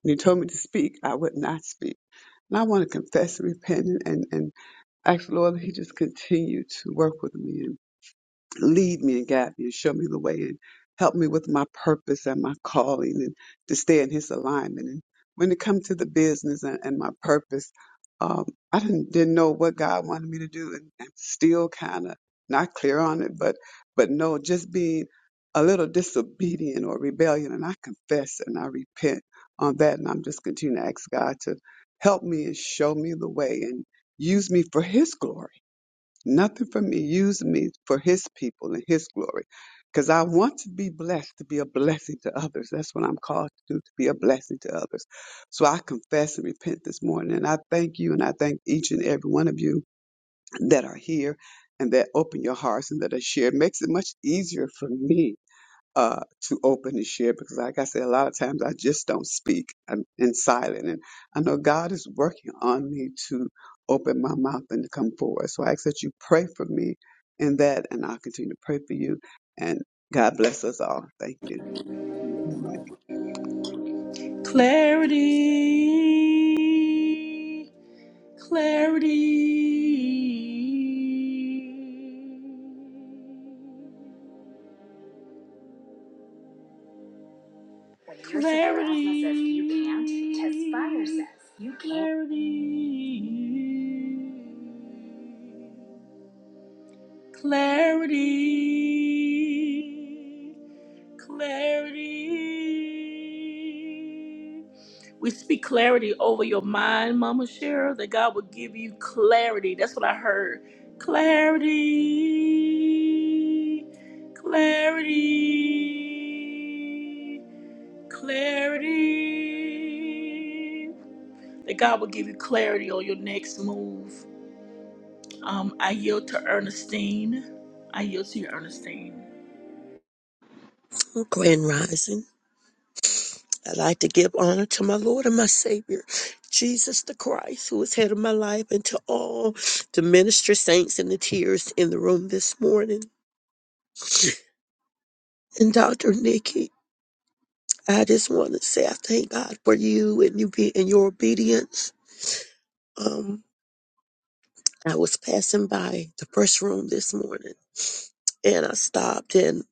Speaker 5: When He told me to speak, I would not speak. And I want to confess and repent and, and ask the Lord that He just continue to work with me lead me and guide me and show me the way and help me with my purpose and my calling and to stay in his alignment. And when it comes to the business and, and my purpose, um, I didn't, didn't know what God wanted me to do and I'm still kind of not clear on it, but, but no, just being a little disobedient or rebellion. And I confess and I repent on that. And I'm just continuing to ask God to help me and show me the way and use me for his glory Nothing for me. Use me for his people and his glory. Because I want to be blessed to be a blessing to others. That's what I'm called to do, to be a blessing to others. So I confess and repent this morning. And I thank you and I thank each and every one of you that are here and that open your hearts and that are shared. Makes it much easier for me uh, to open and share because, like I said, a lot of times I just don't speak. I'm in silent, and I know God is working on me to open my mouth and to come forward. So I ask that you pray for me in that, and I'll continue to pray for you. And God bless us all. Thank you.
Speaker 1: Clarity. Clarity. Clarity, clarity, clarity. clarity. We speak clarity over your mind, Mama Cheryl, that God will give you clarity. That's what I heard. Clarity, clarity, clarity. that God will give you clarity on your next move. Um, I yield to Ernestine. I yield to you, Ernestine.
Speaker 6: Grand Rising, I'd like to give honor to my Lord and my Savior, Jesus the Christ, who is head of my life, and to all the minister saints and the tears in the room this morning. And Dr. Nikki, I just want to say I thank God for you and you be and your obedience. Um, I was passing by the first room this morning and I stopped and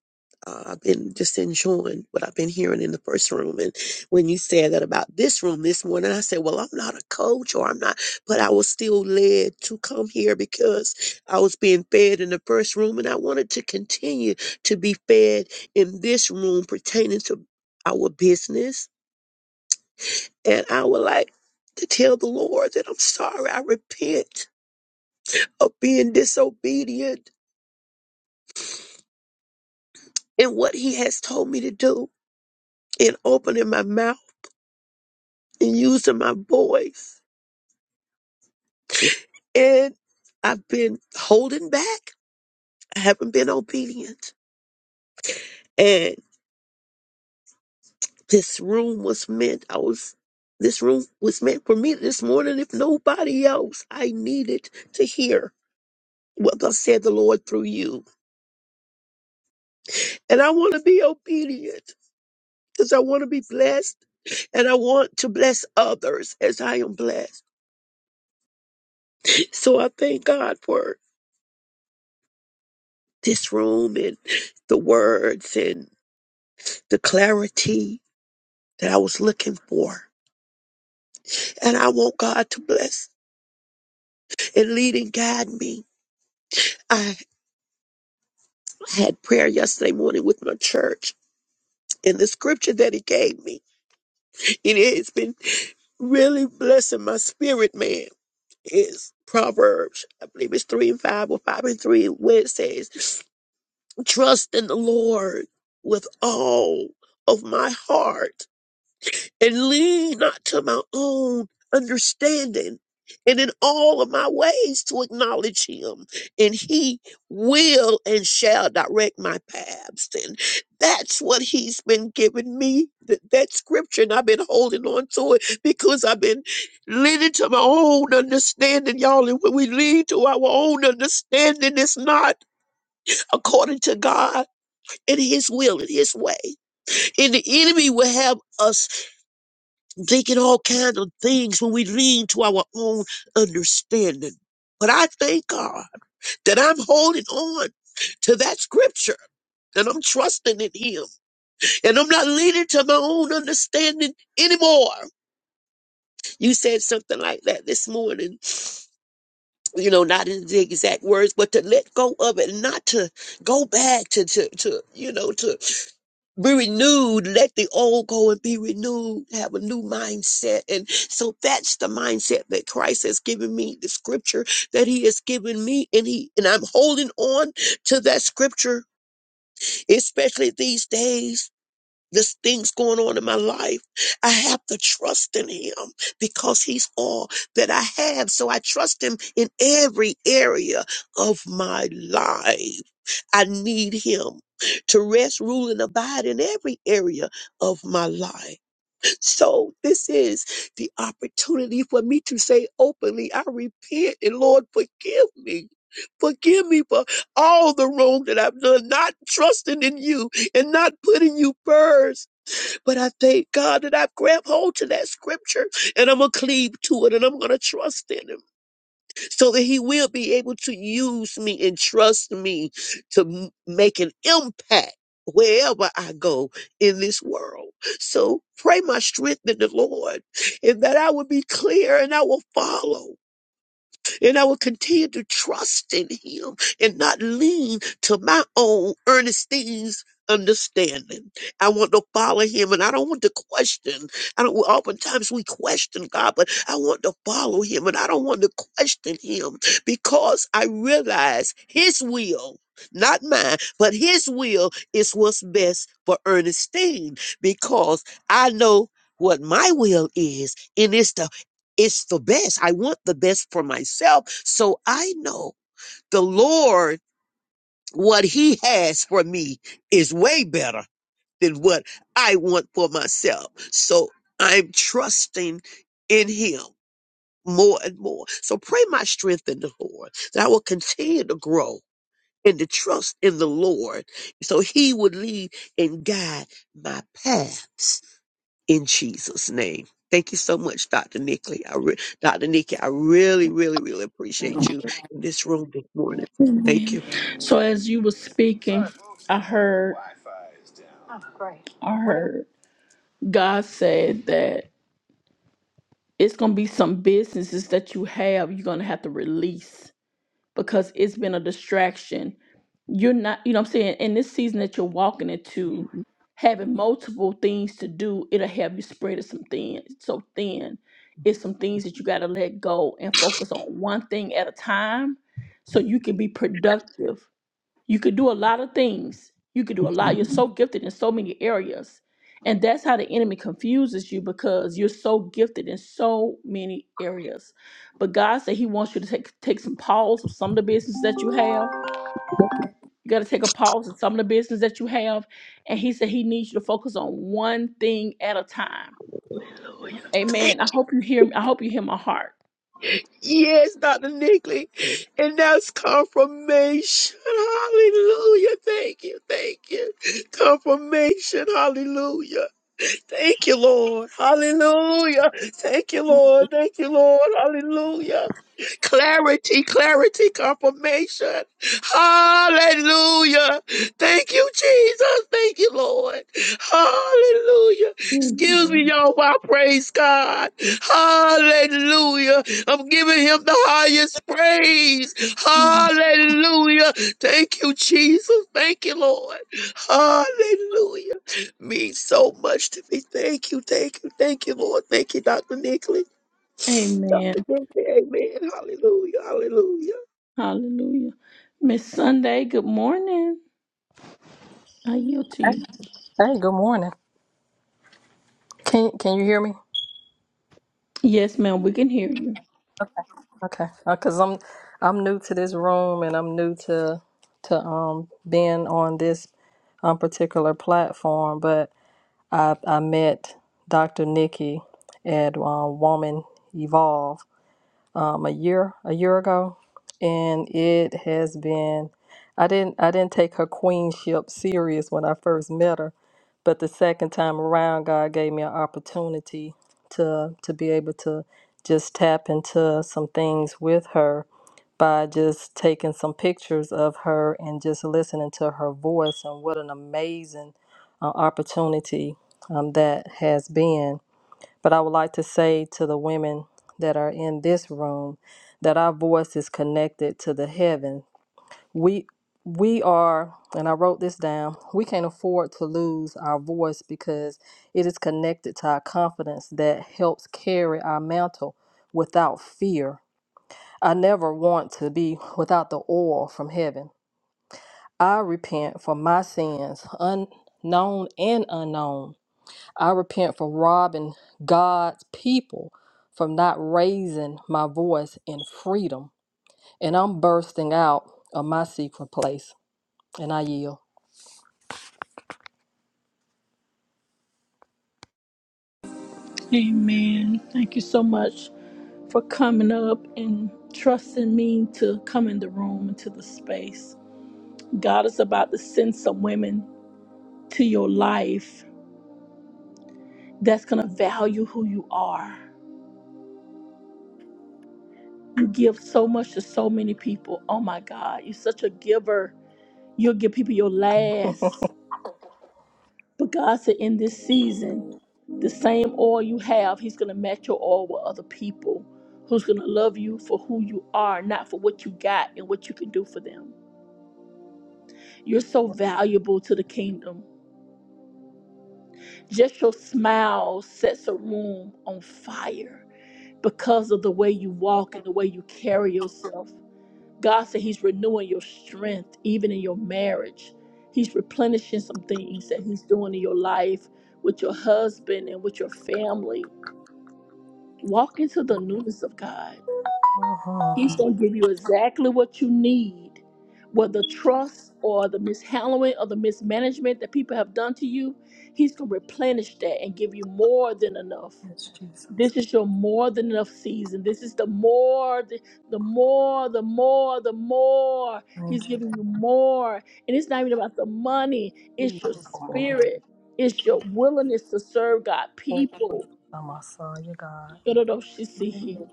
Speaker 6: uh, I've been just enjoying what I've been hearing in the first room. And when you said that about this room this morning, I said, Well, I'm not a coach or I'm not, but I was still led to come here because I was being fed in the first room and I wanted to continue to be fed in this room pertaining to our business. And I would like to tell the Lord that I'm sorry, I repent of being disobedient in what he has told me to do and opening my mouth and using my voice. And I've been holding back. I haven't been obedient. And this room was meant, I was, this room was meant for me this morning. If nobody else, I needed to hear what God said the Lord through you. And I want to be obedient because I want to be blessed and I want to bless others as I am blessed. So I thank God for this room and the words and the clarity that I was looking for. And I want God to bless and lead and guide me. I had prayer yesterday morning with my church and the scripture that he gave me, it has been really blessing my spirit, man. Is Proverbs, I believe it's 3 and 5 or 5 and 3, where it says, Trust in the Lord with all of my heart and lean not to my own understanding. And in all of my ways to acknowledge him, and he will and shall direct my paths. And that's what he's been giving me th- that scripture, and I've been holding on to it because I've been leaning to my own understanding, y'all. And when we lean to our own understanding, it's not according to God and his will and his way and the enemy will have us thinking all kinds of things when we lean to our own understanding. But I thank God that I'm holding on to that scripture and I'm trusting in Him and I'm not leaning to my own understanding anymore. You said something like that this morning. You know, not in the exact words, but to let go of it, not to go back to to to you know to be renewed. Let the old go and be renewed. Have a new mindset. And so that's the mindset that Christ has given me, the scripture that he has given me. And he, and I'm holding on to that scripture, especially these days there's things going on in my life. I have to trust in him because he's all that I have. So I trust him in every area of my life. I need him to rest, rule, and abide in every area of my life. So this is the opportunity for me to say openly, I repent and Lord, forgive me. Forgive me for all the wrong that I've done, not trusting in you and not putting you first. But I thank God that I've grabbed hold to that scripture and I'm going to cleave to it and I'm going to trust in Him so that He will be able to use me and trust me to m- make an impact wherever I go in this world. So pray my strength in the Lord and that I will be clear and I will follow. And I will continue to trust in him and not lean to my own Ernestine's understanding. I want to follow him and I don't want to question. I don't well, oftentimes we question God, but I want to follow him and I don't want to question him because I realize his will, not mine, but his will is what's best for Ernestine because I know what my will is, and it's to it's the best. I want the best for myself. So I know the Lord, what he has for me is way better than what I want for myself. So I'm trusting in him more and more. So pray my strength in the Lord that I will continue to grow and to trust in the Lord so he would lead and guide my paths in Jesus' name. Thank you so much, Dr. Nickley. I re- Dr. Nikki, I really, really, really appreciate you in this room this morning. Thank
Speaker 1: Amen.
Speaker 6: you.
Speaker 1: So as you were speaking, I heard, I heard God said that it's gonna be some businesses that you have you're gonna have to release. because it's been a distraction. You're not, you know what I'm saying? In this season that you're walking into, having multiple things to do, it'll have you spread it some thin, so thin. It's some things that you got to let go and focus on one thing at a time so you can be productive you could do a lot of things. You could do a lot. You're
Speaker 6: Mhm.
Speaker 1: so gifted in so many areas. And that's how the enemy confuses you because you're so gifted in so many areas. But God said He wants you to take take some pause of some of the business that you have. You got to take a pause of some of the business that you have. And He said He needs you to focus on one thing at a time. Amen. I hope you hear me. I hope you hear my heart.
Speaker 6: Yes, Dr. Nickley. And that's confirmation. Hallelujah. Thank you. Thank you. Confirmation. Hallelujah. Thank you, Lord. Hallelujah. Thank you, Lord. Thank you, Lord. Hallelujah. Clarity, clarity, confirmation. Hallelujah. Thank you, Jesus. Thank you, Lord. Hallelujah. Excuse me, y'all, while I praise God. Hallelujah. I'm giving him the highest praise. Hallelujah. Thank you, Jesus. Thank you, Lord. Hallelujah. Means so much to me. Thank you, thank you, thank you, Lord. Thank you, Dr. Nickley. [sniffs]
Speaker 1: Amen.
Speaker 6: Dr. Nickley, amen. Hallelujah,
Speaker 1: Hallelujah. Miss Sunday, good morning. I yield to
Speaker 7: Hey,
Speaker 1: you.
Speaker 7: hey, good morning. Can can you hear me?
Speaker 1: Yes, ma'am, we can hear you.
Speaker 7: Okay, because I'm I'm new to this room and I'm new to to um being on this um particular platform. But I I met Dr. Nikki at um, Woman Evolve um, a year a year ago, and it has been. I didn't I didn't take her queenship serious when I first met her, but the second time around, God gave me an opportunity to to be able to just tap into some things with her by just taking some pictures of her and just listening to her voice and what an amazing uh, opportunity um, that has been but I would like to say to the women that are in this room that our voice is connected to the heaven. We we are, and I wrote this down, we can't afford to lose our voice because it is connected to our confidence that helps carry our mantle without fear. I never want to be without the oil from heaven. I repent for my sins, unknown and unknown. I repent for robbing God's people from not raising my voice in freedom. And I'm bursting out of my secret place. And I yield.
Speaker 1: Amen. Thank you so much for coming up and trusting me to come in the room into the space. God is about to send some women to your life that's going to value who you are. You give so much to so many people. Oh my God, you're such a giver. You'll give people your last. But God said, in this season, the same oil you have, He's going to match your oil with other people who's going to love you for who you are, not for what you got and what you can do for them. You're so valuable to the kingdom. Just your smile sets a room on fire because of the way you walk and the way you carry yourself. God said He's renewing your strength, even in your marriage. He's replenishing some things that He's doing in your life with your husband and with your family Walk into the newness of God.
Speaker 7: Mhm.
Speaker 1: He's going to give you exactly what you need. Whether trust or the mishandling or the mismanagement that people have done to you, He's going to replenish that and give you more than enough.
Speaker 7: Yes, Jesus.
Speaker 1: This is your more than enough season. This is the more, the, the more, the more, the more. He's
Speaker 7: Thank you.
Speaker 1: giving you more. And it's not even about the money, it's your
Speaker 7: Jesus. Oh,
Speaker 1: spirit, it's your willingness to serve God,
Speaker 7: oh,
Speaker 1: people.
Speaker 7: oh, my son, you Messiah, God.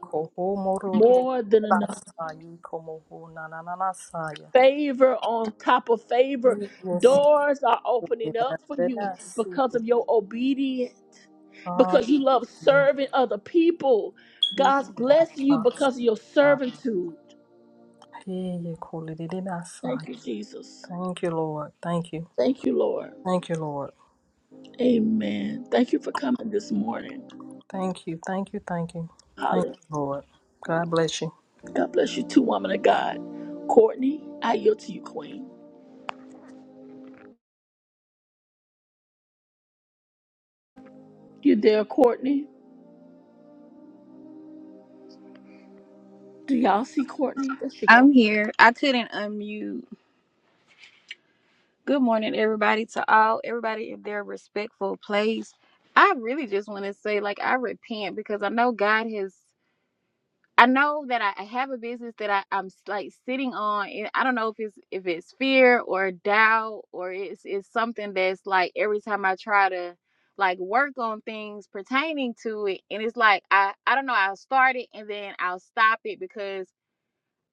Speaker 7: Koho moro
Speaker 1: More than enough.
Speaker 7: basai, komo ho na na na na saya.
Speaker 1: favor on top of favor.
Speaker 7: Yes, Lord,
Speaker 1: Doors are opening up
Speaker 7: that
Speaker 1: for you
Speaker 7: I see
Speaker 1: because
Speaker 7: you.
Speaker 1: of your obedience, because you love
Speaker 7: Hallelujah.
Speaker 1: serving other people.
Speaker 7: Keep
Speaker 1: God's
Speaker 7: on our
Speaker 1: blessing you because of
Speaker 7: hearts.
Speaker 1: your servitude.
Speaker 7: Hey, you call it it in our
Speaker 1: Thank
Speaker 7: side.
Speaker 1: you, Jesus.
Speaker 7: Thank you, Lord. Thank you.
Speaker 1: Thank you, Lord.
Speaker 7: Thank you, Lord.
Speaker 1: Amen. Thank you for coming this morning.
Speaker 7: Thank you. Thank you. Thank you. Thank
Speaker 1: Holly.
Speaker 7: you, Lord. God bless you.
Speaker 1: God bless you too, woman of God. Courtney, I yield to you, Queen. You there, Courtney? Do y'all see Courtney? There she
Speaker 8: I'm
Speaker 1: go.
Speaker 8: here. I couldn't unmute. Good morning, everybody, to all, everybody in their respectful place. I really just want to say, like, I repent because I know God has. I know that I I have a business that I, I'm like sitting on, and I don't know if it's if it's fear or doubt or it's it's something that's like every time I try to like work on things pertaining to it, and it's like I I don't know I'll start it and then I'll stop it because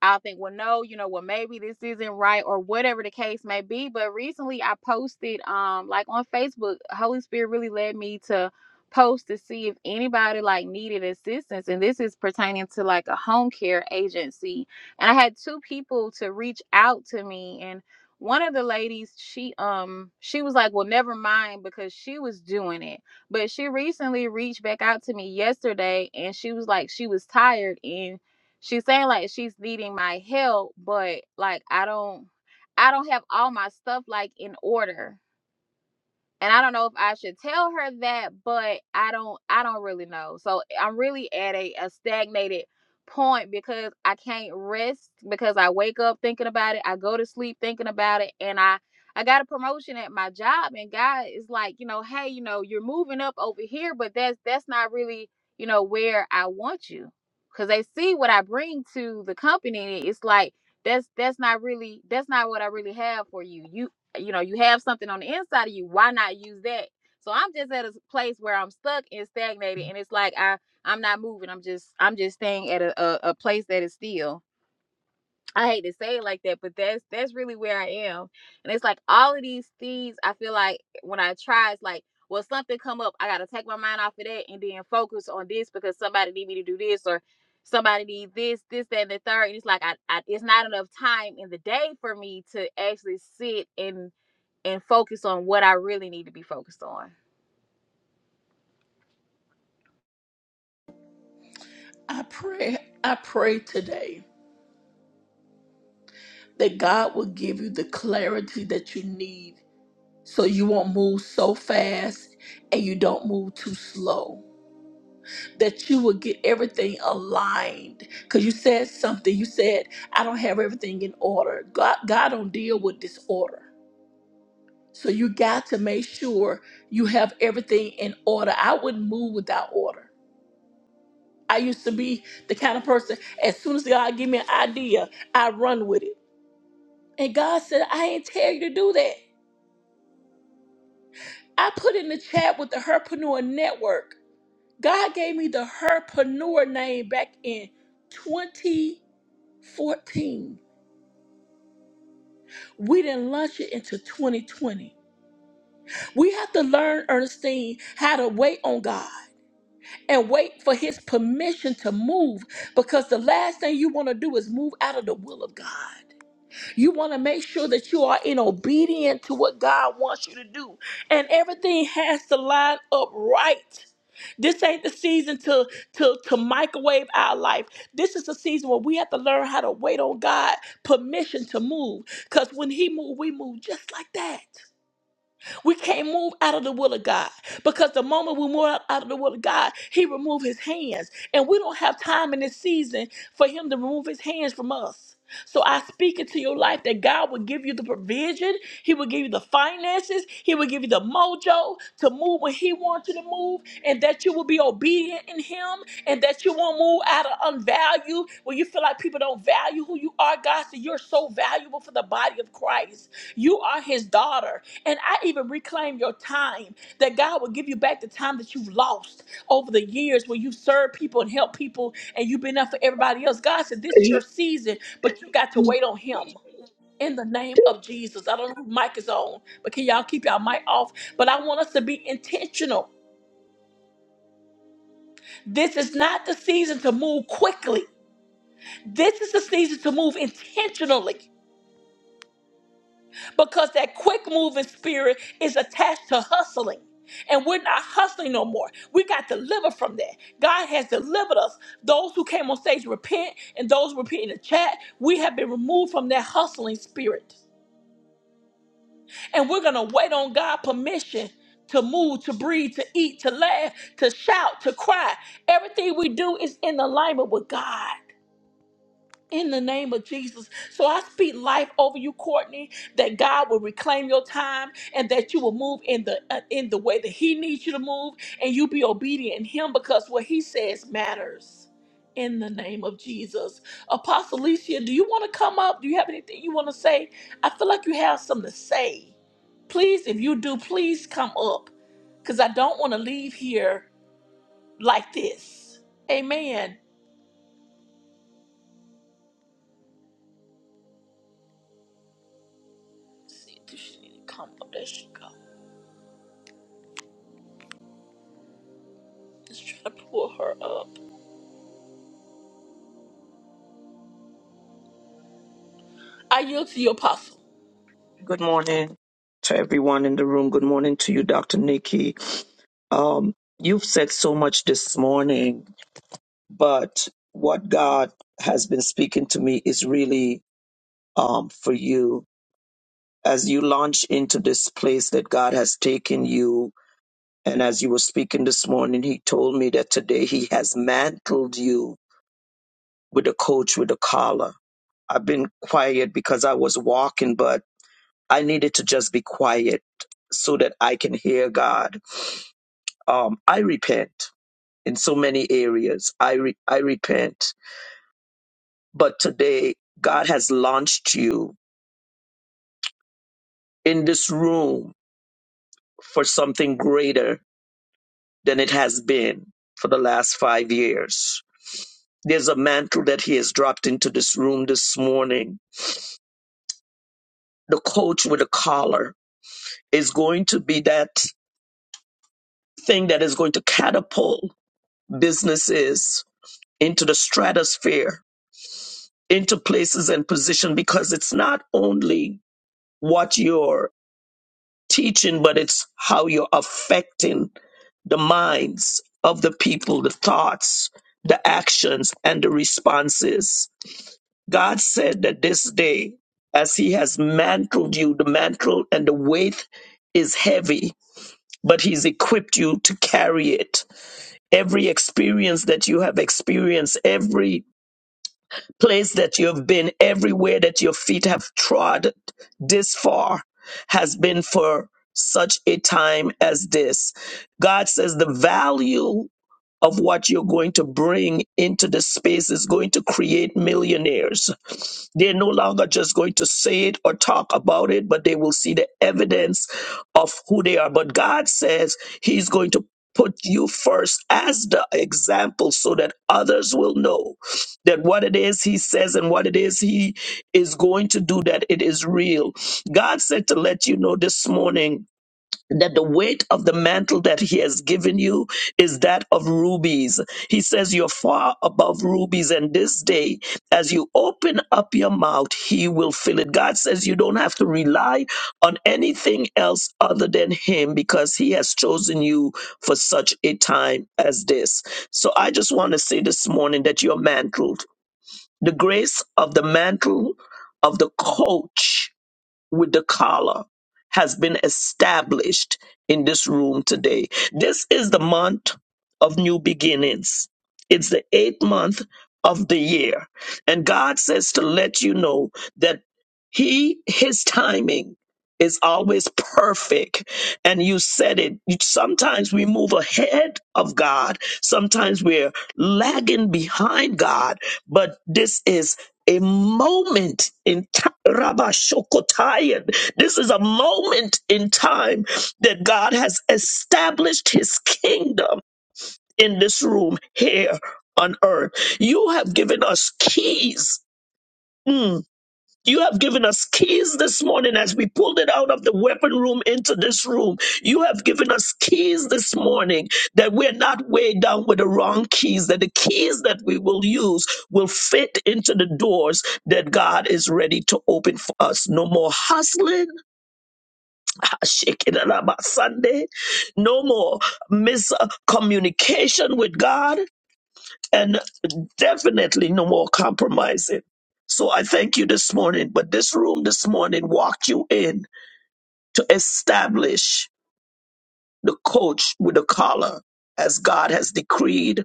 Speaker 8: I'll think, well, no, you know, well, maybe this isn't right or whatever the case may be. But recently I posted um like on Facebook, Holy Spirit really led me to post to see if anybody like needed assistance. And this is pertaining to like a home care agency. And I had two people to reach out to me and one of the ladies, she um she was like, Well, never mind because she was doing it. But she recently reached back out to me yesterday and she was like she was tired and she's saying like she's needing my help, but like I don't I don't have all my stuff like in order and I don't know if I should tell her that, but I don't I don't really know. So I'm really at a, a stagnated point because I can't rest because I wake up thinking about it, I go to sleep thinking about it, and I I got a promotion at my job and God is like, you know, hey, you know, you're moving up over here, but that's that's not really, you know, where I want you. Cause they see what I bring to the company. It's like that's that's not really that's not what I really have for you. You you know you have something on the inside of you why not use that so i'm just at a place where i'm stuck and stagnated and it's like i i'm not moving i'm just i'm just staying at a, a, a place that is still i hate to say it like that but that's that's really where i am and it's like all of these things i feel like when i try it's like well something come up i gotta take my mind off of that and then focus on this because somebody need me to do this or somebody needs this this that and the third and it's like I, I it's not enough time in the day for me to actually sit and and focus on what I really need to be focused on.
Speaker 1: I pray, I pray today. that God will give you the clarity that you need so you won't move so fast and you don't move too slow. That you will get everything aligned. Cause you said something. You said, I don't have everything in order. God God don't deal with disorder. So you got to make sure you have everything in order. I wouldn't move without order. I used to be the kind of person, as soon as God give me an idea, I run with it. And God said, I ain't tell you to do that. I put in the chat with the Herpreneur Network. God gave me the Herpreneur name back in 2014. We didn't launch it into 2020. We have to learn, Ernestine, how to wait on God and wait for His permission to move because the last thing you want to do is move out of the will of God. You want to make sure that you are in obedience to what God wants you to do. And everything has to line up right. This ain't the season to, to, to microwave our life. This is the season where we have to learn how to wait on God permission to move. Because when He moves, we move just like that. We can't move out of the will of God because the moment we move out out of the will of God, He remove His hands. And we don't have time in this season for Him to remove His hands from us. So I speak into your life that God will give you the provision, He will give you the finances, He will give you the mojo to move when He wants you to move, and that you will be obedient in Him, and that you won't move out of unvalue when you feel like people don't value who you are. God said, You're so valuable for the body of Christ. You are His daughter. And I even reclaim your time that God will give you back the time that you've lost over the years where you've served people and helped people and you've been up for everybody else. God said, This is your
Speaker 6: hallelujah.
Speaker 1: season, but you got to wait on Him. In the name of Jesus. I don't know who mic is on, but can y'all keep y'all mic off? But I want us to be intentional. This is not the season to move quickly. This is the season to move intentionally. because that quick moving spirit is attached to hustling. And we're not hustling no more. We got delivered from that. God has delivered us. Those who came on stage repent, and those repeating the chat, we have been removed from that hustling spirit. And we're gonna wait on God permission to move, to breathe, to eat, to laugh, to shout, to cry. Everything we do is in alignment with God in the name of Jesus. So I speak life over you, Courtney, that God will reclaim your time and that you will move in the uh, in the way that he needs you to move and you be obedient in him because what he says matters. In the name of Jesus. Apostle Alicia, do you want to come up? Do you have anything you want to say? I feel like you have something to say. Please, if you do, please come up because I don't want to leave here like this. Amen. See, do she need to come up? There she go. Just try to pull her up. I yield to you, Apostle.
Speaker 9: Good morning to everyone in the room. Good morning to you, Dr. Nikki. Um, you've said so much this morning, but what God has been speaking to me is really um, for you. As you launch into this place that God has taken you, and as you were speaking this morning, He told me that today He has mantled you with a coach with a collar. I've been quiet because I was walking, but I needed to just be quiet so that I can hear God um, I repent in so many areas. I re- I repent, but today God has launched you in this room for something greater than it has been for the last five years. There's a mantle that He has dropped into this room this morning. The coach with a collar is going to be that thing that is going to catapult businesses into the stratosphere, into places and position, because it's not only what you're teaching, but it's how you're affecting the minds of the people, the thoughts, the actions, and the responses. God said that this day, as He has mantled you, the mantle and the weight is heavy, but He's equipped you to carry it. Every experience that you have experienced, every place that you've been, everywhere that your feet have trod this far, has been for such a time as this. God says the value of what you're going to bring into the space is going to create millionaires. They're no longer just going to say it or talk about it, but they will see the evidence of who they are. But God says He's going to put you first as the example so that others will know that what it is he says and what it is he is going to do that it is real god said to let you know this morning that the weight of the mantle that he has given you is that of rubies. He says, You're far above rubies, and this day, as you open up your mouth, he will fill it. God says, You don't have to rely on anything else other than him because he has chosen you for such a time as this. So I just want to say this morning that you're mantled the grace of the mantle of the coach with the collar has been established in this room today. This is the month of new beginnings. It's the eighth month of the year. And God says to let you know that He, His timing is always perfect. And you said it. Sometimes we move ahead of God, sometimes we're lagging behind God, but this is a moment in time. Rabashokotayan. This is a moment in time that God has established his kingdom in this room here on earth. You have given us keys. Mm. You have given us keys this morning as we pulled it out of the weapon room into this room. You have given us keys this morning that we're not weighed down with the wrong keys, that the keys that we will use will fit into the doors that God is ready to open for us. No more hustling, [laughs] shaking it up on Sunday, no more miscommunication with God. and. Definitely no more compromising. So I thank you this morning, but this room this morning walked you in to establish the coach with the collar as God has decreed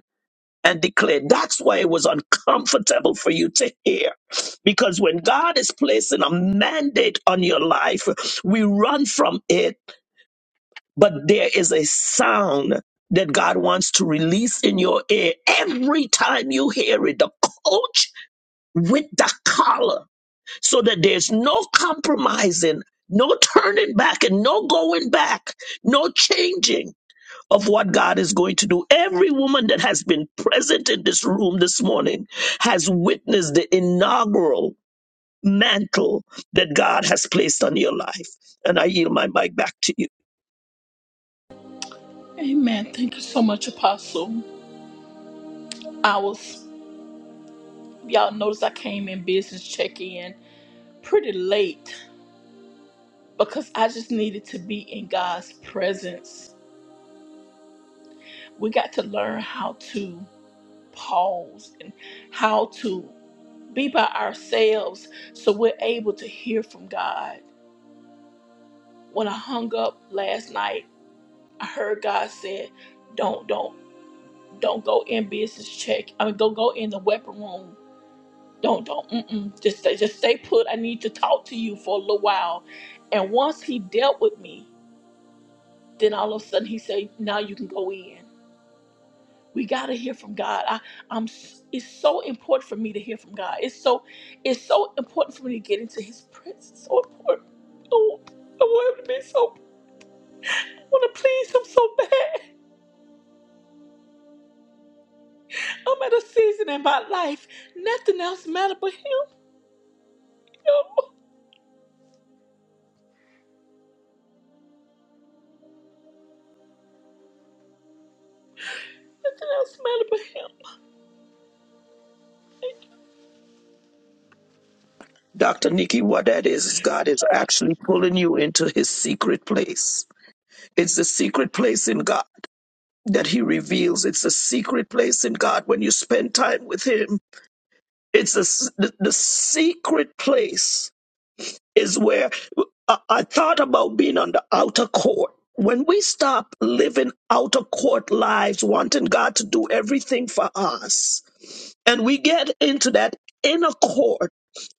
Speaker 9: and declared. That's why it was uncomfortable for you to hear. Because when God is placing a mandate on your life, we run from it, but there is a sound that God wants to release in your ear every time you hear it. The coach with the collar so that there's no compromising, no turning back, and no going back, no changing of what God is going to do. Every woman that has been present in this room this morning has witnessed the inaugural mantle that God has placed on your life. And I yield my mic back to you.
Speaker 1: Amen. Thank you so much, Apostle. I was, y'all notice I came in business check in pretty late because I just needed to be in God's presence. We got to learn how to pause and how to be by ourselves so we're able to hear from God. When I hung up last night, I heard God said, "Don't, don't." Don't go in business check. I mean, go go in the weapon room. Don't don't. Mm-mm. Just stay, just stay put. I need to talk to you for a little while. And once he dealt with me, then all of a sudden he said, now you can go in. We gotta hear from God. I I'm. s- It's so important for me to hear from God. It's so it's so important for me to get into His presence. So important. Oh, I want him to be so. I want to please Him so bad. I'm at a season in my life. Nothing else matter but Him. Yo. Nothing else matter but Him.
Speaker 9: Dr. Nikki, what that is, is God is actually pulling you into his secret place. It's the secret place in God. that he reveals. It's a secret place in God when you spend time with him. It's a s the, the secret place is where I, I thought about being on the outer court. When we stop living outer court lives, wanting God to do everything for us, and we get into that inner court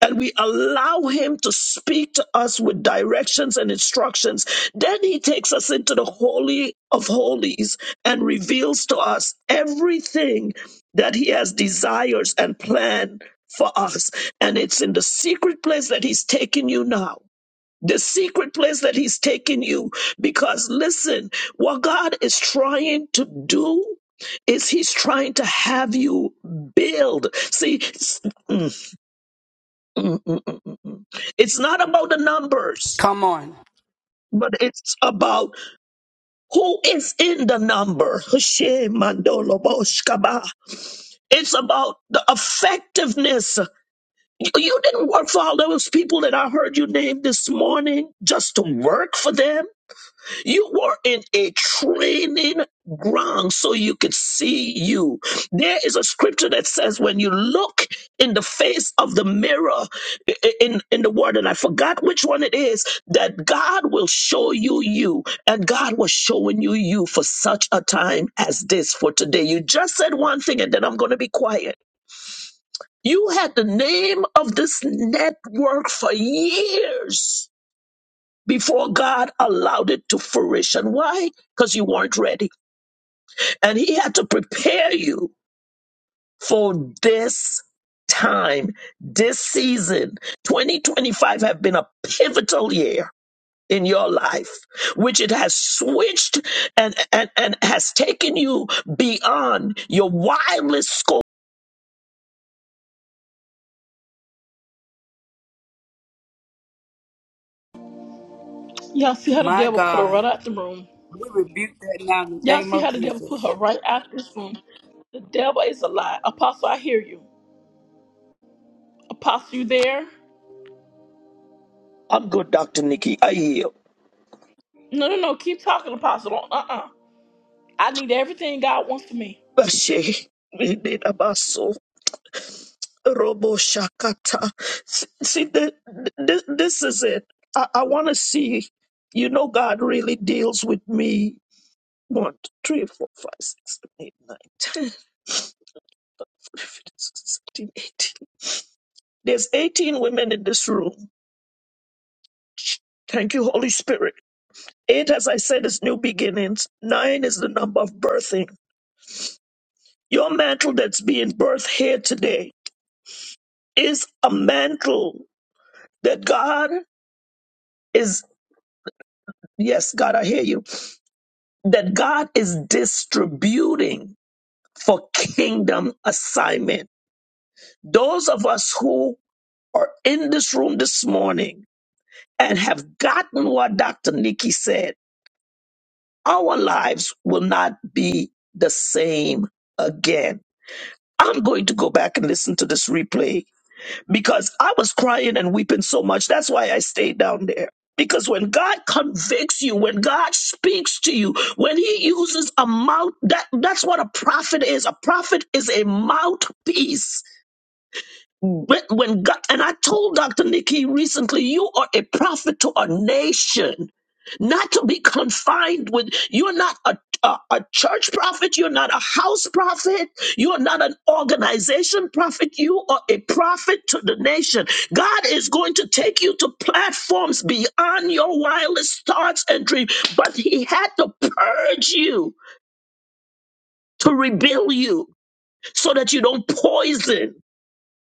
Speaker 9: and we allow him to speak to us with directions and instructions, then he takes us into the Holy of Holies and reveals to us everything that he has desires and plan for us. And it's in the secret place that he's taking you now the secret place that he's taking you because listen what god is trying to do is he's trying to have you build see it's, mm, mm, mm, mm, mm, mm. mm. It's not about the numbers
Speaker 10: Come on.
Speaker 9: but it's about who is in the number Shemandoloboshkaba. it's about the effectiveness you you didn't work for all those people that i heard you name this morning just to work for them You were in a training ground so you could see you. There is a scripture that says when you look in the face of the mirror i- i- in, in the word, and I forgot which one it is, that God will show you you. And God was showing you you for such a time as this for today. You just said one thing and then I'm going to be quiet. You had the name of this network for years before God allowed it to fruition. Why? Because you weren't ready. And He had to prepare you for this time, this season. 2025 have been a pivotal year in your life, which it has switched and, and, and has taken you beyond your wildest scope.
Speaker 1: Y'all see how the
Speaker 10: My
Speaker 1: devil put her
Speaker 10: God.
Speaker 1: right out the room.
Speaker 10: We rebuke that now in the
Speaker 1: Y'all
Speaker 10: name
Speaker 1: see how
Speaker 10: of
Speaker 1: the devil put her
Speaker 10: Jesus.
Speaker 1: right out this room. The devil is a lie. Apostle, I hear you. Apostle, you there?
Speaker 9: I'm good, Dr. Nikki. I
Speaker 1: No, no, no. Keep talking, Apostle. Don't- Uh-uh. I need everything God wants for me.
Speaker 9: yield. [laughs] Robo Shakata. S- See, the, this, this is it. I, I want to see, you know, God really deals with me. One, two, three, four, five, six, seven, eight, nine, ten, [laughs] eleven, twelve, thirteen, fourteen, eighteen. There's 18 women in this room. Thank you, Holy Spirit. Eight, as I said, is new beginnings. Nine is the number of birthing. Your mantle that's being birthed here today is a mantle that God is, yes, God, I hear you that God is distributing for kingdom assignment. Those of us who are in this room this morning and have gotten what Dr. Nikki said, our lives will not be the same again. I'm going to go back and listen to this replay because I was crying and weeping so much. That's why I stayed down there. Because when God convicts you, when God speaks to you, when He uses a mouth, that, that's what a prophet is. A prophet is a mouthpiece but when God, and I told Dr. Nikki recently, you are a prophet to a nation, not to be confined with, you're not a, a, a church prophet, you're not a house prophet, you're not an organization prophet, you are a prophet to the nation. God is going to take you to platforms beyond your wildest thoughts and dreams, but He had to purge you to rebuild you so that you don't poison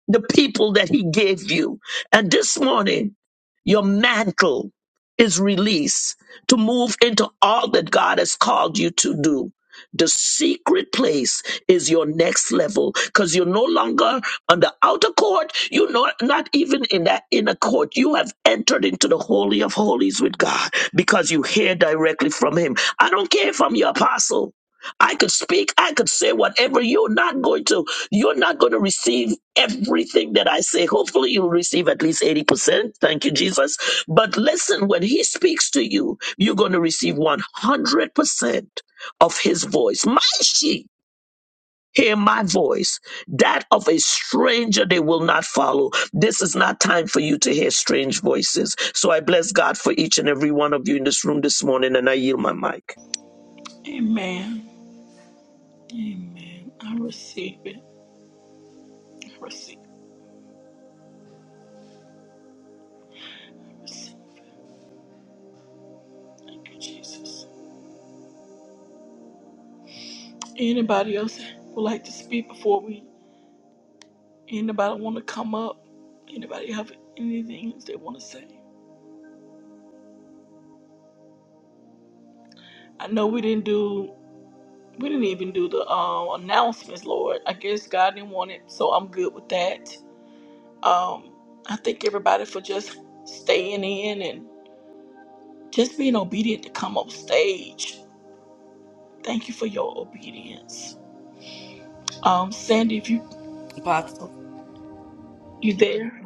Speaker 9: the people that he gave you. And this morning, your mantle is released to move into all that God has called you to do. The secret place is your next level because you're no longer on the outer court. You're not, not even in that inner court. You have entered into the Holy of Holies with God because you hear directly from Him. I don't care if I'm your apostle. I could speak, I could say whatever. You're not going to, you're not going to receive everything that I say. Hopefully you'll receive at least 80%. Thank you, Jesus. But listen, when he speaks to you, you're going to receive 100% of his voice. My sheep. Hear my voice, that of a stranger they will not follow. This is not time for you to hear strange voices. So I bless God for each and every one of you in this room this morning, and I yield my mic.
Speaker 1: Amen. Amen. I receive it. I receive it. I receive it. Thank you, Jesus. Anybody else would like to speak before we? Anybody want to come up? Anybody have anything they want to say? I know we didn't do. We didn't even do the um, announcements, Lord. I guess God didn't want it, so I'm good with that. Um, I thank everybody for just staying in and just being obedient to come up stage. Thank you for your obedience. Um, Sandy, if you
Speaker 10: Apostle.
Speaker 1: you there,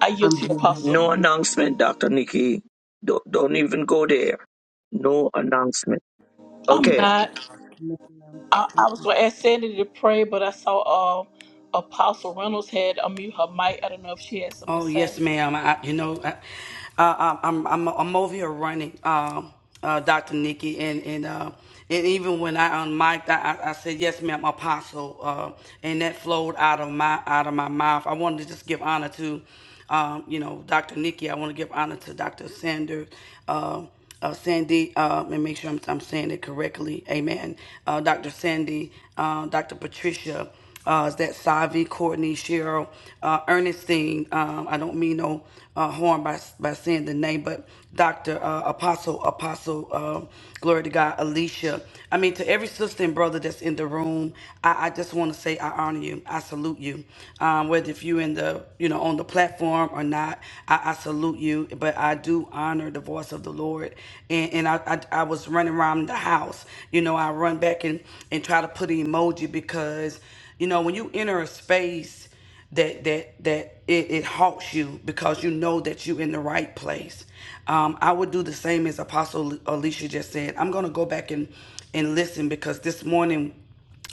Speaker 1: I yield to you, Apostle.
Speaker 9: No announcement, Dr. Nikki. Don't, don't even go there. No announcement.
Speaker 1: I'm
Speaker 9: Okay.
Speaker 1: not.
Speaker 3: Yes, ma'am.
Speaker 1: I,
Speaker 3: Mm.
Speaker 1: I was going to ask Sandy to pray, but I saw uh, Apostle Reynolds had unmute her mic. I don't know if she had something to
Speaker 10: Oh yes,
Speaker 1: say.
Speaker 10: ma'am. I, you know, I, I, I'm I'm I'm over here running, uh, uh, Doctor Nikki, and and uh, and even when I unmiked, I, I I said yes, ma'am, Apostle, uh, and that flowed out of my out of my mouth. I wanted to just give honor to, um, you know, Doctor Nikki. I want to give honor to Doctor Sanders. Uh, uh, Sandy, uh, and make sure I'm, I'm saying it correctly. Amen. Uh, Dr. Sandy, uh, Dr. Patricia, uh, is that Savi, Courtney, Cheryl, uh, Ernestine? Um, I don't mean no uh, harm by by saying the name, but Doctor uh, Apostle Apostle, um glory to God, Alicia. I mean to every sister and brother that's in the room. I, I just want to say I honor you. I salute you. Um, whether if you in the you know on the platform or not, I, I salute you. But I do honor the voice of the Lord. And and I I, I was running around the house. You know I run back and and try to put an emoji because. You know, when you enter a space that that that it, it halts you because you know that you're in the right place. Um, I would do the same as Apostle Alicia just said. I'm gonna go back and and listen because this morning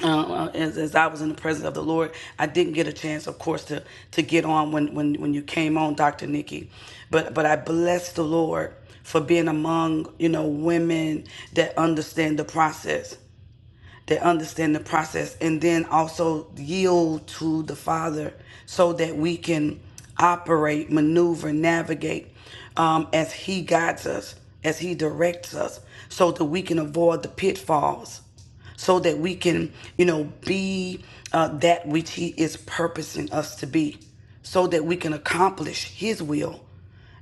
Speaker 10: uh, uh, as, as I was in the presence of the Lord, I didn't get a chance, of course, to to get on when when when you came on, Doctor Nikki, but but I bless the Lord for being among you know women that understand the process that understand the process and then also yield to the Father so that we can operate, maneuver, navigate um, as He guides us, as He directs us, so that we can avoid the pitfalls so that we can, you know, be uh, that which He is purposing us to be, so that we can accomplish His will,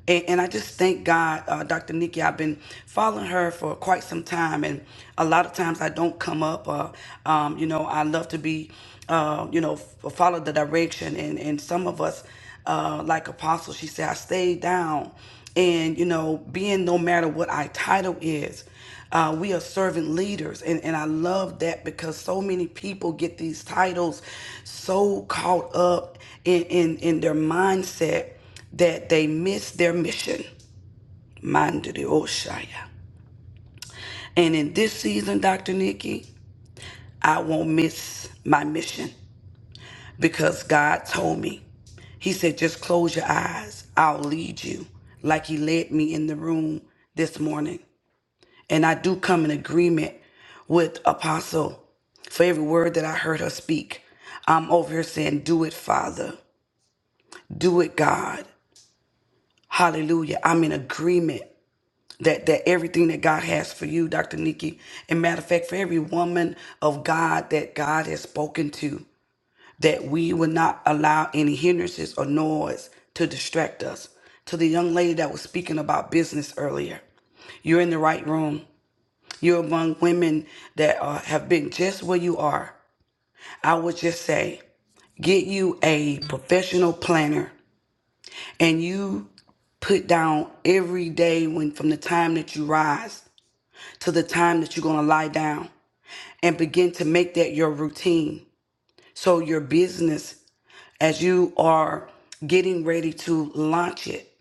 Speaker 10: and, and I just thank God, uh, Dr. Nikki. I've been following her for quite some time, and a lot of times I don't come up. Uh, um, you know, I love to be, uh, you know, f- follow the direction. And, and some of us, uh, like Apostle, she said, I stay down. And, you know, being no matter what our title is, uh, we are servant leaders. And, and I love that because so many people get these titles so caught up in, in, in their mindset that they miss their mission. Mind Oshaya. And in this season, Dr. Nikki, I won't miss my mission because God told me. He said, just close your eyes. I'll lead you like he led me in the room this morning. And I do come in agreement with Apostle for every word that I heard her speak. I'm over here saying, Do it, Father. Do it, God. Hallelujah. I'm in agreement that that everything that God has for you, Dr. Nikki, and matter of fact, for every woman of God that God has spoken to, that we will not allow any hindrances or noise to distract us. To the young lady that was speaking about business earlier, you're in the right room. You're among women that uh, have been just where you are. I would just say, get you a professional planner and you put down every day when from the time that you rise to the time that you're going to lie down and begin to make that your routine. So, your business, as you are getting ready to launch it,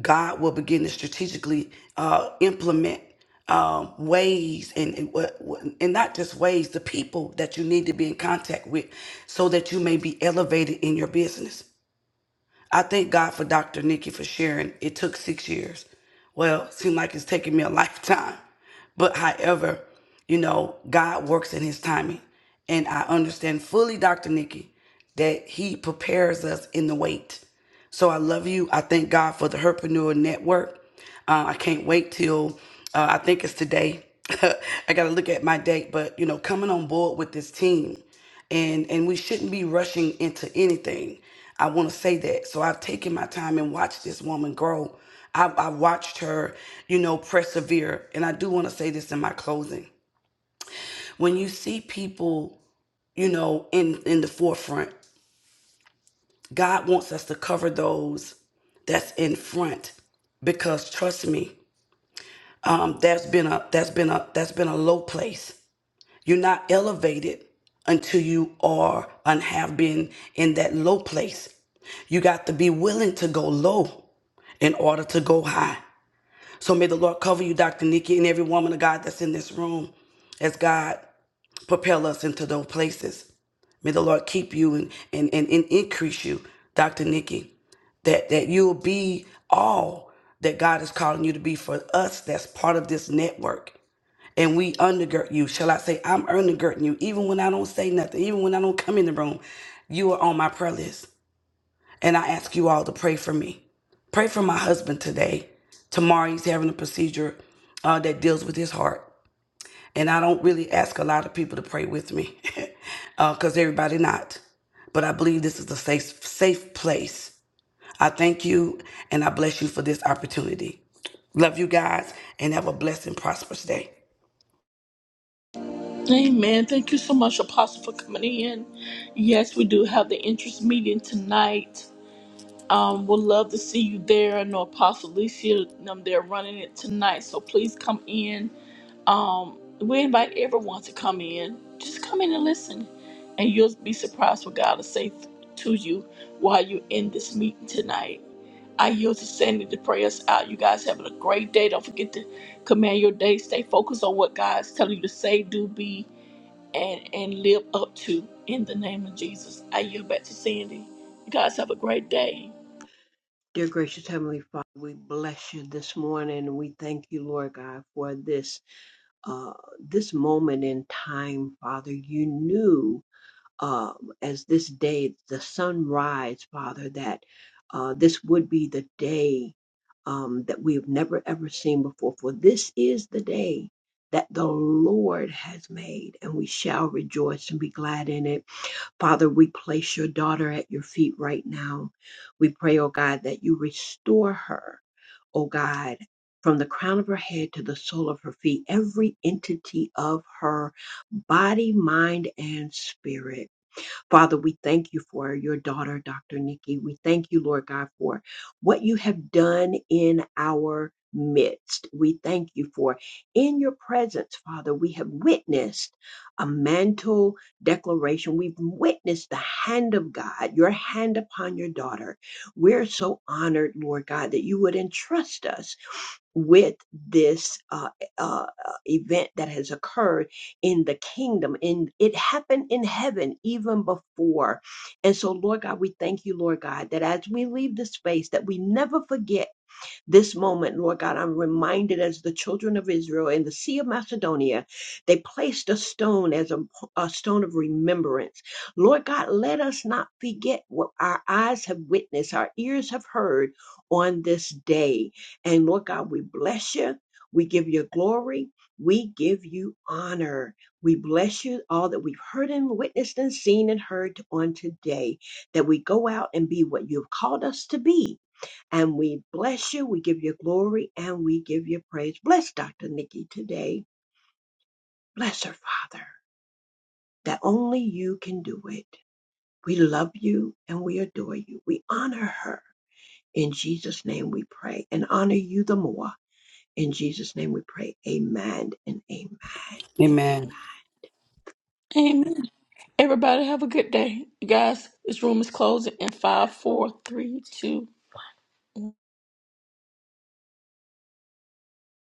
Speaker 10: God will begin to strategically uh, implement um, ways and, and what- what- and not just ways, the people that you need to be in contact with so that you may be elevated in your business. I thank God for Dr. Nikki for sharing. It took six years. Well, it seemed like it's taken me a [laughs] lifetime. But however, you know, God works in his timing. And I understand fully, Dr. Nikki, that he prepares us in the wait. So I love you. I thank God for the Herpreneur Network. Uh, I can't wait till uh, I think it's today. [laughs] I got to look at my date, but you know, coming on board with this team, and and we shouldn't be rushing into anything. I want to say that. So I've taken my time and watched this woman grow. I, I watched her, you know, persevere. And I do want to say this in my closing: when you see people, you know, in in the forefront, God wants us to cover those that's in front because trust me, um, that's been a that's been a that's been a low place. You're not elevated until you are and have been in that low place. You got to be willing to go low in order to go high. So may the Lord cover you, Dr. Nikki, and every woman of God that's in this room as God propel us into those places. May the Lord keep you and, and, and, and increase you, Dr. Nikki, that, that you'll be all that God is calling you to be for us that's part of this network. And we undergird you. Shall I say, I'm undergirding you. Even when I don't say nothing, even when I don't come in the room, you are on my prayer list. And I ask you all to pray for me. Pray for my husband today. Tomorrow he's having a procedure uh, that deals with his heart and I don't really ask a lot of people to pray with me, [laughs] because everybody not. But I believe this is a safe safe place. I thank you, and I bless you for this opportunity. Love you guys, and have a blessed and prosperous day.
Speaker 1: Amen. Thank you so much, Apostle, for coming in. Yes, we do have the interest meeting tonight. Um, we'll love to see you there. I know Apostle Alicia, um, they're running it tonight, so please come in. Um, we invite everyone to come in. Just come in and listen, and you'll be surprised what God will say to you while you're in this meeting tonight. I yield to Sandy to pray us out. You guys having a great day. Don't forget to command your day. Stay focused on what God's telling you to say, do, be and and live up to in the name of Jesus. I yield back to Sandy. You guys have a great day.
Speaker 3: Dear gracious Heavenly Father, we bless you this morning. and We thank you, Lord God, for this uh, this moment in time, Father. You knew uh, as this day, the sunrise, Father, that uh, this would be the day um, that we have never ever seen before. For this is the day that the Lord has made, and we shall rejoice and be glad in it. Father, we place your daughter at your feet right now. We pray, oh God, that you restore her, oh God, from the crown of her head to the sole of her feet, every entity of her body, mind, and spirit. Father, we thank you for your daughter, Dr. Nikki. We thank you, Lord God, for what you have done in our midst. We thank you for in your presence, Father, we have witnessed a mantle declaration. We've witnessed the hand of God, your hand upon your daughter. We're so honored, Lord God, that you would entrust us with this uh, uh, uh, event that has occurred in the kingdom. And it happened in heaven even before. And so, Lord God, we thank you, Lord God, that as we leave this space, that we never forget this moment, Lord God, I'm reminded as the children of Israel in the Sea of Macedonia, they placed a stone as a, a stone of remembrance. Lord God, let us not forget what our eyes have witnessed, our ears have heard on this day. And Lord God, we bless you. We give you glory. We give you honor. We bless you all that we've heard and witnessed and seen and heard on today, that we go out and be what you've called us to be and we bless you. We give you glory and we give you praise. Bless Dr. Nikki today. Bless her, Father, that only you can do it. We love you and we adore you. We honor her. In Jesus' name we pray and honor you the more. In Jesus' name we pray. Amen and amen and amen.
Speaker 10: Amen.
Speaker 1: Amen. Everybody have a good day. You guys, this room is closing in five, four, three, two.